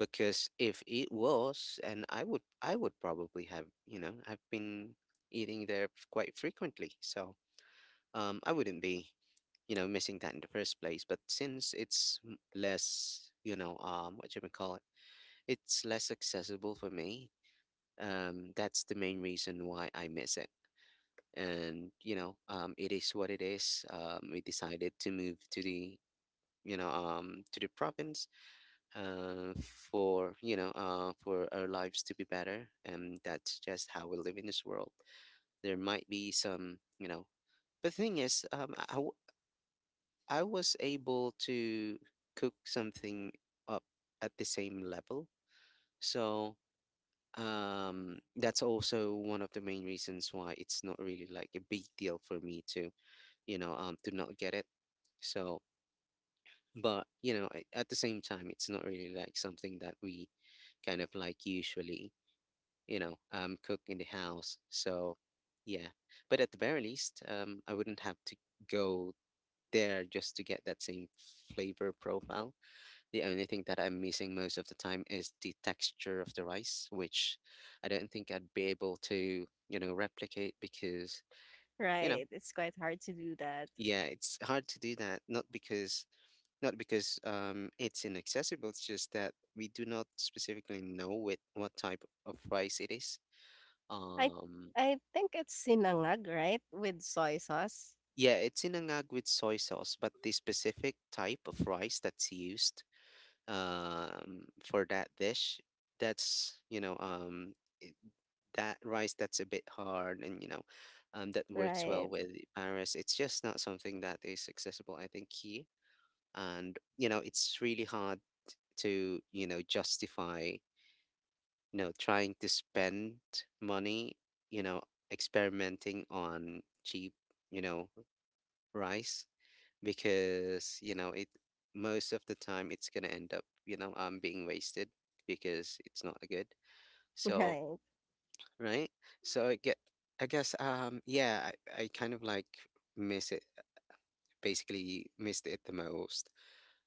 [SPEAKER 1] Because if it was, and I would probably have. I've been eating there quite frequently. So I wouldn't be, missing that in the first place, but since it's less, you know what you may call it it's less accessible for me. That's the main reason why I miss it. And you know um it is what it is. We decided to move to the province, uh for you know for our lives to be better, and that's just how we live in this world. There might be some you know The thing is, I was able to cook something up at the same level. So that's also one of the main reasons why it's not really like a big deal for me to not get it. So, but at the same time, it's not really like something that we kind of like usually cook in the house. So, yeah. But at the very least, I wouldn't have to go there just to get that same flavor profile. The only thing that I'm missing most of the time is the texture of the rice, which I don't think I'd be able to replicate because, you know,
[SPEAKER 2] Right. It's quite hard to do that.
[SPEAKER 1] yeah, it's hard to do that. Not because it's inaccessible, it's just that we do not specifically know what type of rice it is.
[SPEAKER 2] I
[SPEAKER 1] Um
[SPEAKER 2] I think it's sinangag, right? With soy sauce.
[SPEAKER 1] yeah, it's inangag with soy sauce, but the specific type of rice that's used for that dish, that's you know that rice that's a bit hard, and that works well
[SPEAKER 2] Right.
[SPEAKER 1] with Paris. It's just not something that is accessible, I think, here. And it's really hard to justify trying to spend money, you know, experimenting on cheap you know rice, because you know it most of the time it's gonna end up being wasted because it's not good.
[SPEAKER 2] [laughs]
[SPEAKER 1] So,
[SPEAKER 2] Right.
[SPEAKER 1] right? So I guess, I kind of like miss it, basically missed it the most.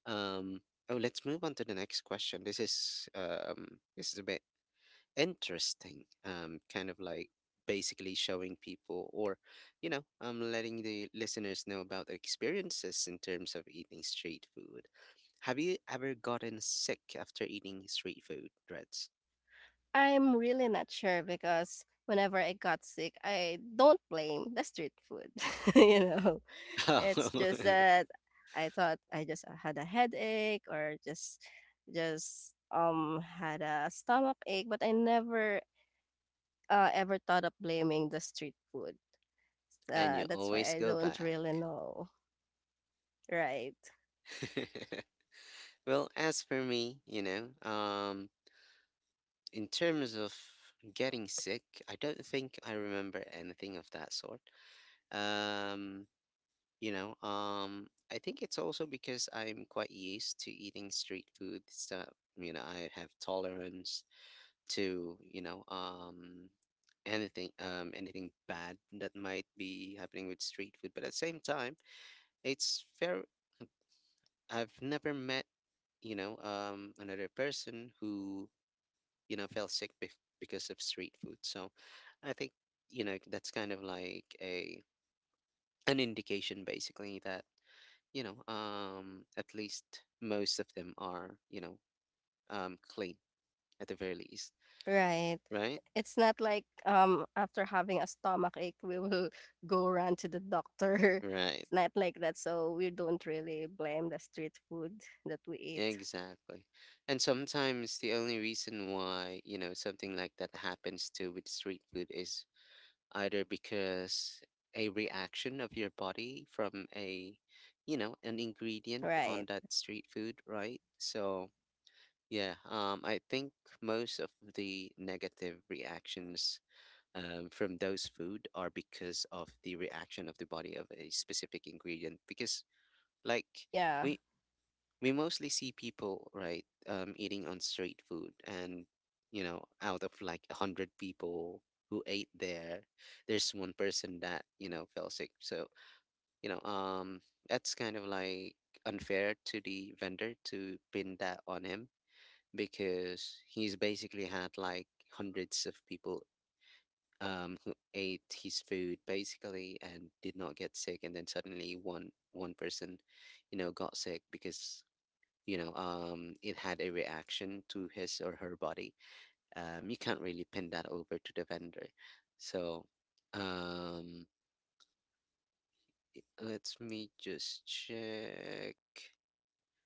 [SPEAKER 1] Um, oh, let's move on to the next question. This is a bit interesting. Kind of like basically showing people, or, letting the listeners know about their experiences in terms of eating street food. Have you ever gotten sick after eating street food, Reds? [laughs]
[SPEAKER 2] I'm really not sure because whenever I got sick, I don't blame the street food. [laughs] You know, it's
[SPEAKER 1] Oh,
[SPEAKER 2] just that I thought I just had a headache or just had a stomach ache, but I never ever thought of blaming the street food.
[SPEAKER 1] [laughs] and you
[SPEAKER 2] That's why
[SPEAKER 1] always
[SPEAKER 2] I
[SPEAKER 1] go
[SPEAKER 2] don't
[SPEAKER 1] back.
[SPEAKER 2] really know. Right.
[SPEAKER 1] [laughs] Well, as for me, in terms of getting sick, I don't think I remember anything of that sort. Um, you know, um, I think it's also because I'm quite used to eating street food stuff. I have tolerance to anything, anything bad that might be happening with street food. But at the same time, it's fair. I've never met another person who fell sick bef because of street food. So I think that's kind of like a an indication, basically, that at least most of them are clean, at the very least.
[SPEAKER 2] Right.
[SPEAKER 1] Right.
[SPEAKER 2] It's not like, after having a stomach ache, we will [laughs] go run to the doctor. [laughs]
[SPEAKER 1] Right.
[SPEAKER 2] It's not like that, so we don't really blame the street food that we eat.
[SPEAKER 1] Exactly. And sometimes the only reason why something like that happens too with street food is either because a reaction of your body from a you know an ingredient on
[SPEAKER 2] Right.
[SPEAKER 1] that street food, right? So yeah, I think most of the negative reactions from those food are because of the reaction of the body of a specific ingredient, because like
[SPEAKER 2] Yeah.
[SPEAKER 1] we we mostly see people, right, eating on street food, and, out of like a hundred people who ate there, there's one person that fell sick. So you know, um, that's kind of like unfair to the vendor to pin that on him, because he's basically had like hundreds of people. Who ate his food basically and did not get sick, and then suddenly one person got sick because, it had a reaction to his or her body. You can't really pin that over to the vendor. So um, let me just check.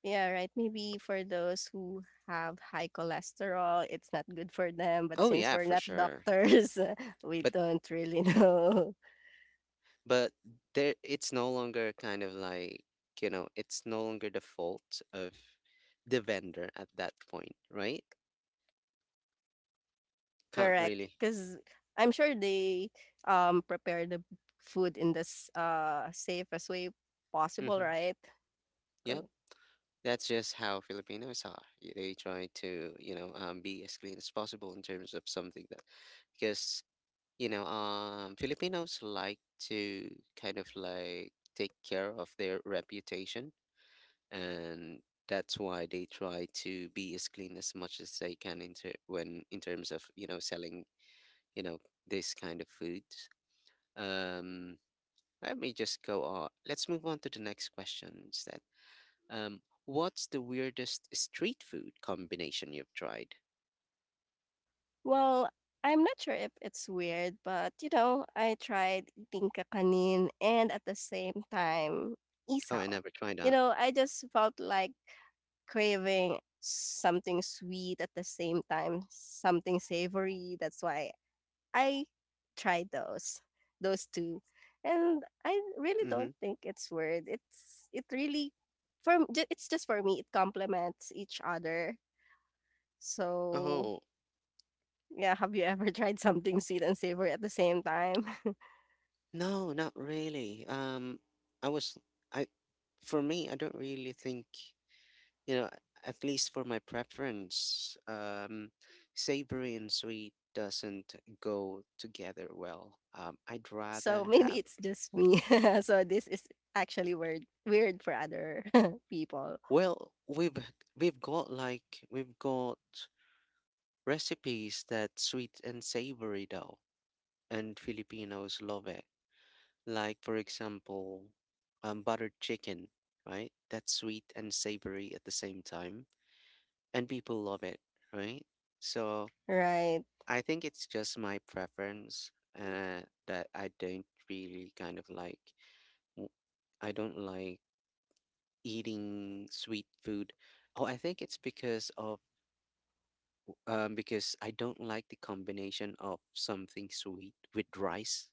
[SPEAKER 2] Yeah, right. Maybe for those who have high cholesterol, it's not good for them, but
[SPEAKER 1] Oh
[SPEAKER 2] since
[SPEAKER 1] yeah,
[SPEAKER 2] we're
[SPEAKER 1] for
[SPEAKER 2] not
[SPEAKER 1] sure.
[SPEAKER 2] doctors, [laughs] we
[SPEAKER 1] But,
[SPEAKER 2] don't really know.
[SPEAKER 1] but there it's no longer the fault of the vendor at that point, right?
[SPEAKER 2] [laughs]
[SPEAKER 1] Can't
[SPEAKER 2] Correct.
[SPEAKER 1] really.
[SPEAKER 2] Because I'm sure they prepare the food in this safest way possible,
[SPEAKER 1] Mm-hmm.
[SPEAKER 2] right?
[SPEAKER 1] Yeah.
[SPEAKER 2] Kun
[SPEAKER 1] That's just how Filipinos are. They try to be as clean as possible in terms of something that, because Filipinos like to kind of like take care of their reputation. And that's why they try to be as clean as much as they can in terms of, you know, selling, you know, this kind of foods. Um, let me just go on. Let's move on to the next question instead. Um, what's the weirdest street food combination you've tried?
[SPEAKER 2] well, I'm not sure if it's weird, but, you know, I tried eating kakanin and at the same time,
[SPEAKER 1] Oh, I
[SPEAKER 2] isaw.
[SPEAKER 1] never tried
[SPEAKER 2] You
[SPEAKER 1] that.
[SPEAKER 2] know, I just felt like craving something sweet at the same time, something savory. That's why I tried those 2. And I really
[SPEAKER 1] Mm-hmm.
[SPEAKER 2] don't think it's weird. It's it really for m ju it's just for me, it complements each other. So
[SPEAKER 1] Oh,
[SPEAKER 2] Yeah, have you ever tried something sweet and savory at the same time? [laughs]
[SPEAKER 1] no, not really. I was, I, for me, I don't really think, you know, at least for my preference, savory and sweet doesn't go together well. I'd rather
[SPEAKER 2] So maybe
[SPEAKER 1] have,
[SPEAKER 2] it's just me. [laughs] So this is actually weird for other [laughs] people.
[SPEAKER 1] well, we've got recipes that sweet and savory though. And Filipinos love it. Like, for example, buttered chicken, right? That's sweet and savory at the same time, and people love it, right? So
[SPEAKER 2] Right.
[SPEAKER 1] I think it's just my preference, that I don't really kind of like. w- I don't like eating sweet food. Oh, I think it's because I don't like the combination of something sweet with rice.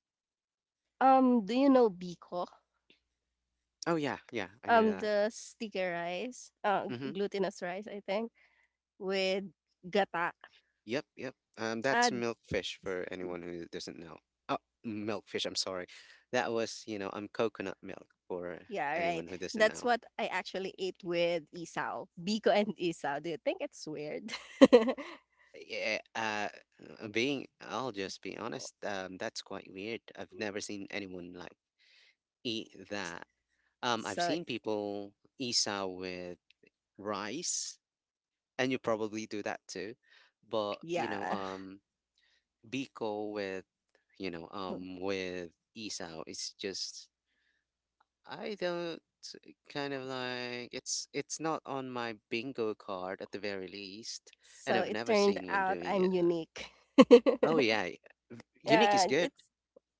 [SPEAKER 2] Do you know Biko?
[SPEAKER 1] Oh yeah, yeah, I know that.
[SPEAKER 2] The sticky rice,
[SPEAKER 1] Mm-hmm.
[SPEAKER 2] glutinous rice, I think, with gata.
[SPEAKER 1] Yep, yep. That's
[SPEAKER 2] Uh,
[SPEAKER 1] milkfish for anyone who doesn't know. Oh, milkfish, I'm sorry. That was, coconut milk for
[SPEAKER 2] yeah, right.
[SPEAKER 1] anyone who doesn't
[SPEAKER 2] That's
[SPEAKER 1] know.
[SPEAKER 2] what I actually ate with isaw. Biko and isaw. Do you think it's weird? [laughs]
[SPEAKER 1] Yeah, I'll just be honest, that's quite weird. I've never seen anyone like eat
[SPEAKER 2] S-
[SPEAKER 1] that. I've
[SPEAKER 2] so
[SPEAKER 1] seen people isa with rice, and you probably do that too. But,
[SPEAKER 2] yeah.
[SPEAKER 1] biko with isao, it's just I don't kind of like it's not on my bingo card at the very least, and
[SPEAKER 2] So
[SPEAKER 1] I've
[SPEAKER 2] it
[SPEAKER 1] never
[SPEAKER 2] turned
[SPEAKER 1] seen one
[SPEAKER 2] out
[SPEAKER 1] doing
[SPEAKER 2] I'm
[SPEAKER 1] it.
[SPEAKER 2] unique. [laughs]
[SPEAKER 1] Oh yeah, unique is
[SPEAKER 2] yeah,
[SPEAKER 1] good,
[SPEAKER 2] it's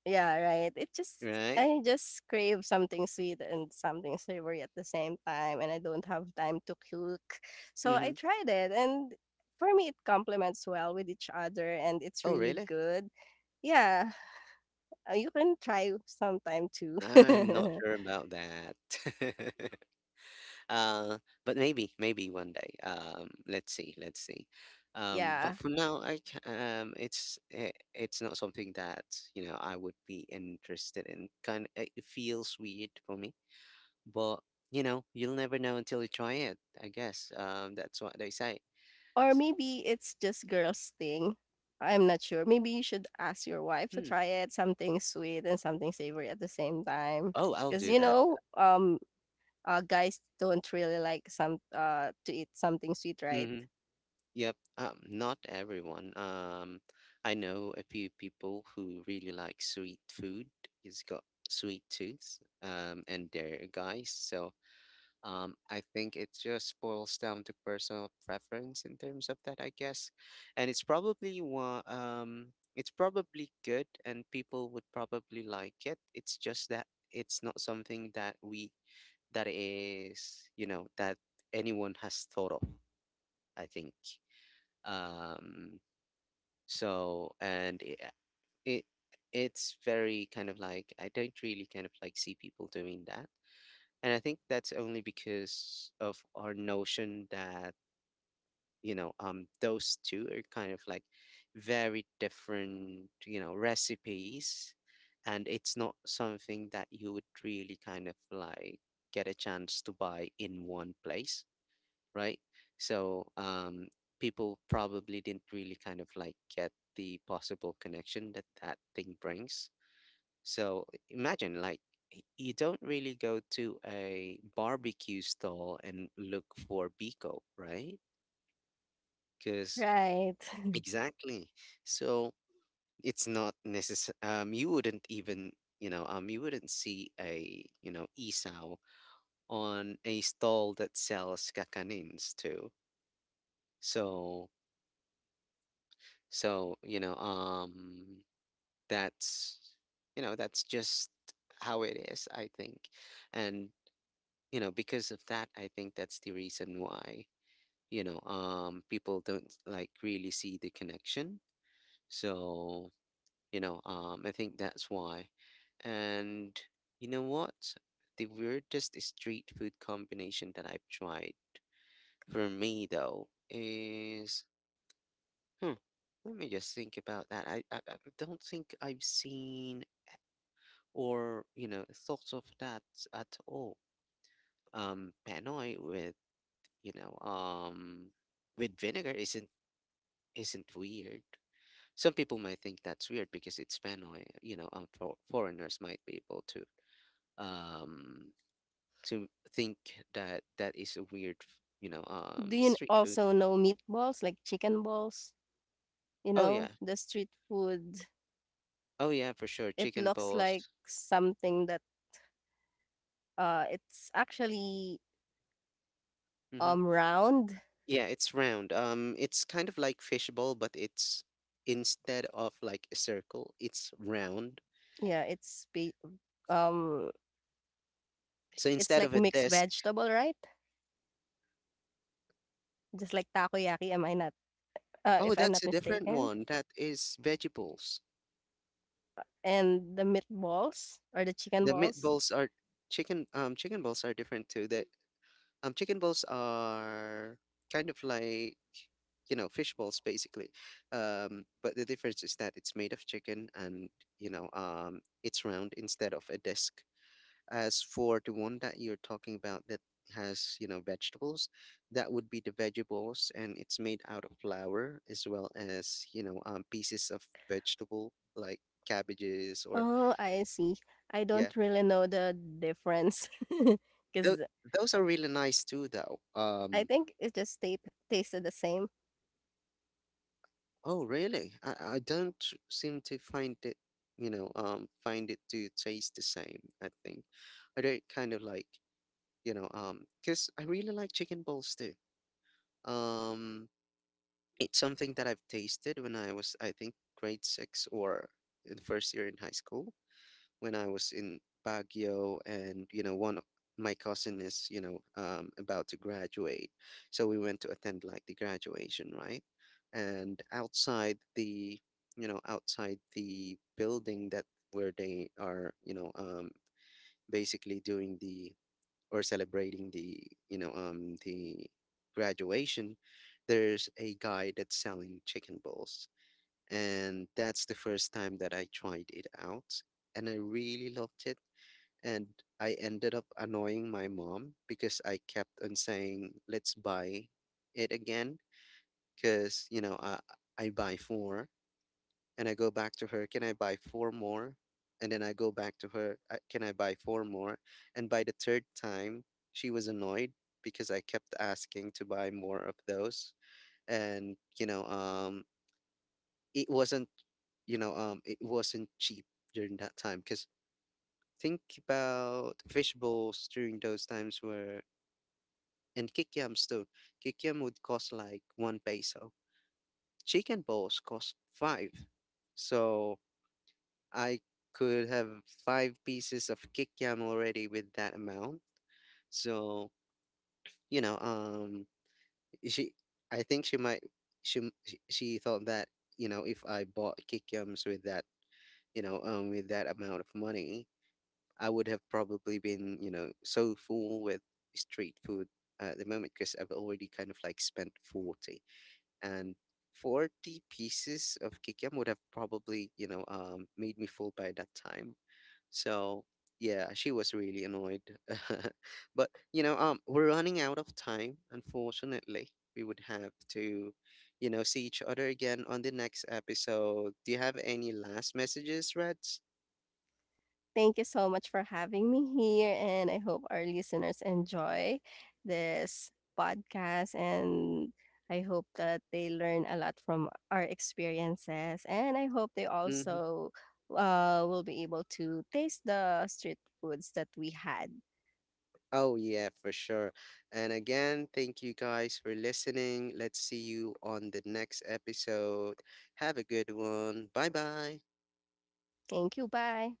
[SPEAKER 2] yeah, right. It just
[SPEAKER 1] right?
[SPEAKER 2] I just crave something sweet and something savory at the same time and I don't have time to cook. So I
[SPEAKER 1] Mm-hmm.
[SPEAKER 2] tried it and for me it complements well with each other and it's
[SPEAKER 1] Oh
[SPEAKER 2] really
[SPEAKER 1] really?
[SPEAKER 2] good. Yeah, you can try sometime too.
[SPEAKER 1] I'm not sure about that. [laughs] uh, but maybe one day. Let's see, let's see.
[SPEAKER 2] [laughs]
[SPEAKER 1] But
[SPEAKER 2] Yeah.
[SPEAKER 1] for now, it's not something that I would be interested in. Kind of, it feels weird for me. But, you'll never know until you try it, I guess. That's what they say.
[SPEAKER 2] Or
[SPEAKER 1] S-
[SPEAKER 2] maybe it's just girls' thing, I'm not sure. Maybe you should ask your wife to
[SPEAKER 1] hmm.
[SPEAKER 2] try it, something sweet and something savory at the same time,
[SPEAKER 1] Oh, I'll
[SPEAKER 2] because
[SPEAKER 1] do
[SPEAKER 2] you
[SPEAKER 1] that.
[SPEAKER 2] know, guys don't really like some to eat something sweet, right?
[SPEAKER 1] Hmm. Yep. Not everyone. I know a few people who really like sweet food. It's got sweet tooth. And they're guys, so. I think it just boils down to personal preference in terms of that, I guess. And it's probably good and people would probably like it. It's just that it's not something that we, that is, you know, that anyone has thought of, I think. Um, so, and it, it's very kind of like, I don't really kind of like see people doing that. And I think that's only because of our notion that those two are kind of like very different, recipes, and it's not something that you would really kind of like get a chance to buy in one place, right? So people probably didn't really kind of like get the possible connection that that thing brings. So imagine, like, you don't really go to a barbecue stall and look for Biko, right? Because.
[SPEAKER 2] Right. [laughs]
[SPEAKER 1] Exactly. So it's not necessary. You wouldn't see a, isaw on a stall that sells kakanins too. So, so, that's, that's just how it is, I think. And because of that, I think that's the reason why, people don't like really see the connection. So I think that's why. And you know what? The weirdest street food combination that I've tried for me though is. hmm Let me just think about that. I don't think I've seen or thought of that at all. Panoy with you know with vinegar isn't weird. Some people might think that's weird because it's panoy, for, foreigners might be able um to think that that is a weird,
[SPEAKER 2] Do you
[SPEAKER 1] street food.
[SPEAKER 2] also know meatballs, like chicken balls? You
[SPEAKER 1] Oh yeah,
[SPEAKER 2] know, the street food.
[SPEAKER 1] oh yeah, for sure.
[SPEAKER 2] It
[SPEAKER 1] Chicken
[SPEAKER 2] looks like
[SPEAKER 1] balls.
[SPEAKER 2] something that it's actually
[SPEAKER 1] Mm-hmm.
[SPEAKER 2] round.
[SPEAKER 1] Yeah, it's round. It's kind of like fishbowl, but it's instead of like a circle it's round.
[SPEAKER 2] Yeah, it's ba- um
[SPEAKER 1] So
[SPEAKER 2] It's
[SPEAKER 1] instead
[SPEAKER 2] like
[SPEAKER 1] of a
[SPEAKER 2] mixed
[SPEAKER 1] disc.
[SPEAKER 2] vegetable, right? Just like takoyaki, am I not
[SPEAKER 1] Oh,
[SPEAKER 2] if I'm
[SPEAKER 1] that's
[SPEAKER 2] not
[SPEAKER 1] a different
[SPEAKER 2] mistaken?
[SPEAKER 1] one, that is vegetables.
[SPEAKER 2] And the meatballs or the chicken
[SPEAKER 1] The
[SPEAKER 2] balls?
[SPEAKER 1] meatballs are chicken, chicken balls are different too that Chicken balls are kind of like, fish balls basically. But the difference is that it's made of chicken and, it's round instead of a disc. As for the one that you're talking about that has, vegetables, that would be the veggie balls, and it's made out of flour as well as, pieces of vegetable like cabbages, or.
[SPEAKER 2] Oh, I see. I
[SPEAKER 1] Yeah.
[SPEAKER 2] don't really know the difference, [laughs] because
[SPEAKER 1] Tho- those are really nice too, though.
[SPEAKER 2] I think it just ta tasted the same.
[SPEAKER 1] Oh, really? I don't seem to find it to taste the same, I think. I don't kind of like, because I really like chicken balls too. Um, it's something that I've tasted when I was, I think, grade six or in the first year in high school when I was in Baguio. And one of my cousin is about to graduate, so we went to attend like the graduation, right? And outside the building, that where they are, basically doing the or celebrating the the graduation, there's a guy that's selling chicken balls. And that's the first time that I tried it out, and I really loved it. And I ended up annoying my mom because I kept on saying, "Let's buy it again." Because, I buy four, and I go back to her, "Can I buy four more?" And then I go back to her, Can I buy four more?" And by the third time, she was annoyed because I kept asking to buy more of those. And, it wasn't it wasn't cheap during that time, because think about fish bowls during those times where, and kikiams too. Kikiam would cost like 1 peso. Chicken bowls cost five. So I could have five pieces of kikiam already with that amount. So, you know, um she, I think she might, she thought that, if I bought kikiams with that, with that amount of money, I would have probably been, so full with street food at the moment because I've already kind of like spent 40, and 40 pieces of kikiam would have probably, made me full by that time. So yeah, she was really annoyed. [laughs] But, we're running out of time, unfortunately. We would have to, see each other again on the next episode. Do you have any last messages, Reds?
[SPEAKER 2] Thank you so much for having me here, and I hope our listeners enjoy this podcast. And I hope that they learn a lot from our experiences. And I hope they
[SPEAKER 1] Mm-hmm.
[SPEAKER 2] also will be able to taste the street foods that we had.
[SPEAKER 1] Oh, yeah, for sure. And again, thank you guys for listening. Let's see you on the next episode. Have a good one. Bye bye.
[SPEAKER 2] Thank you. Bye.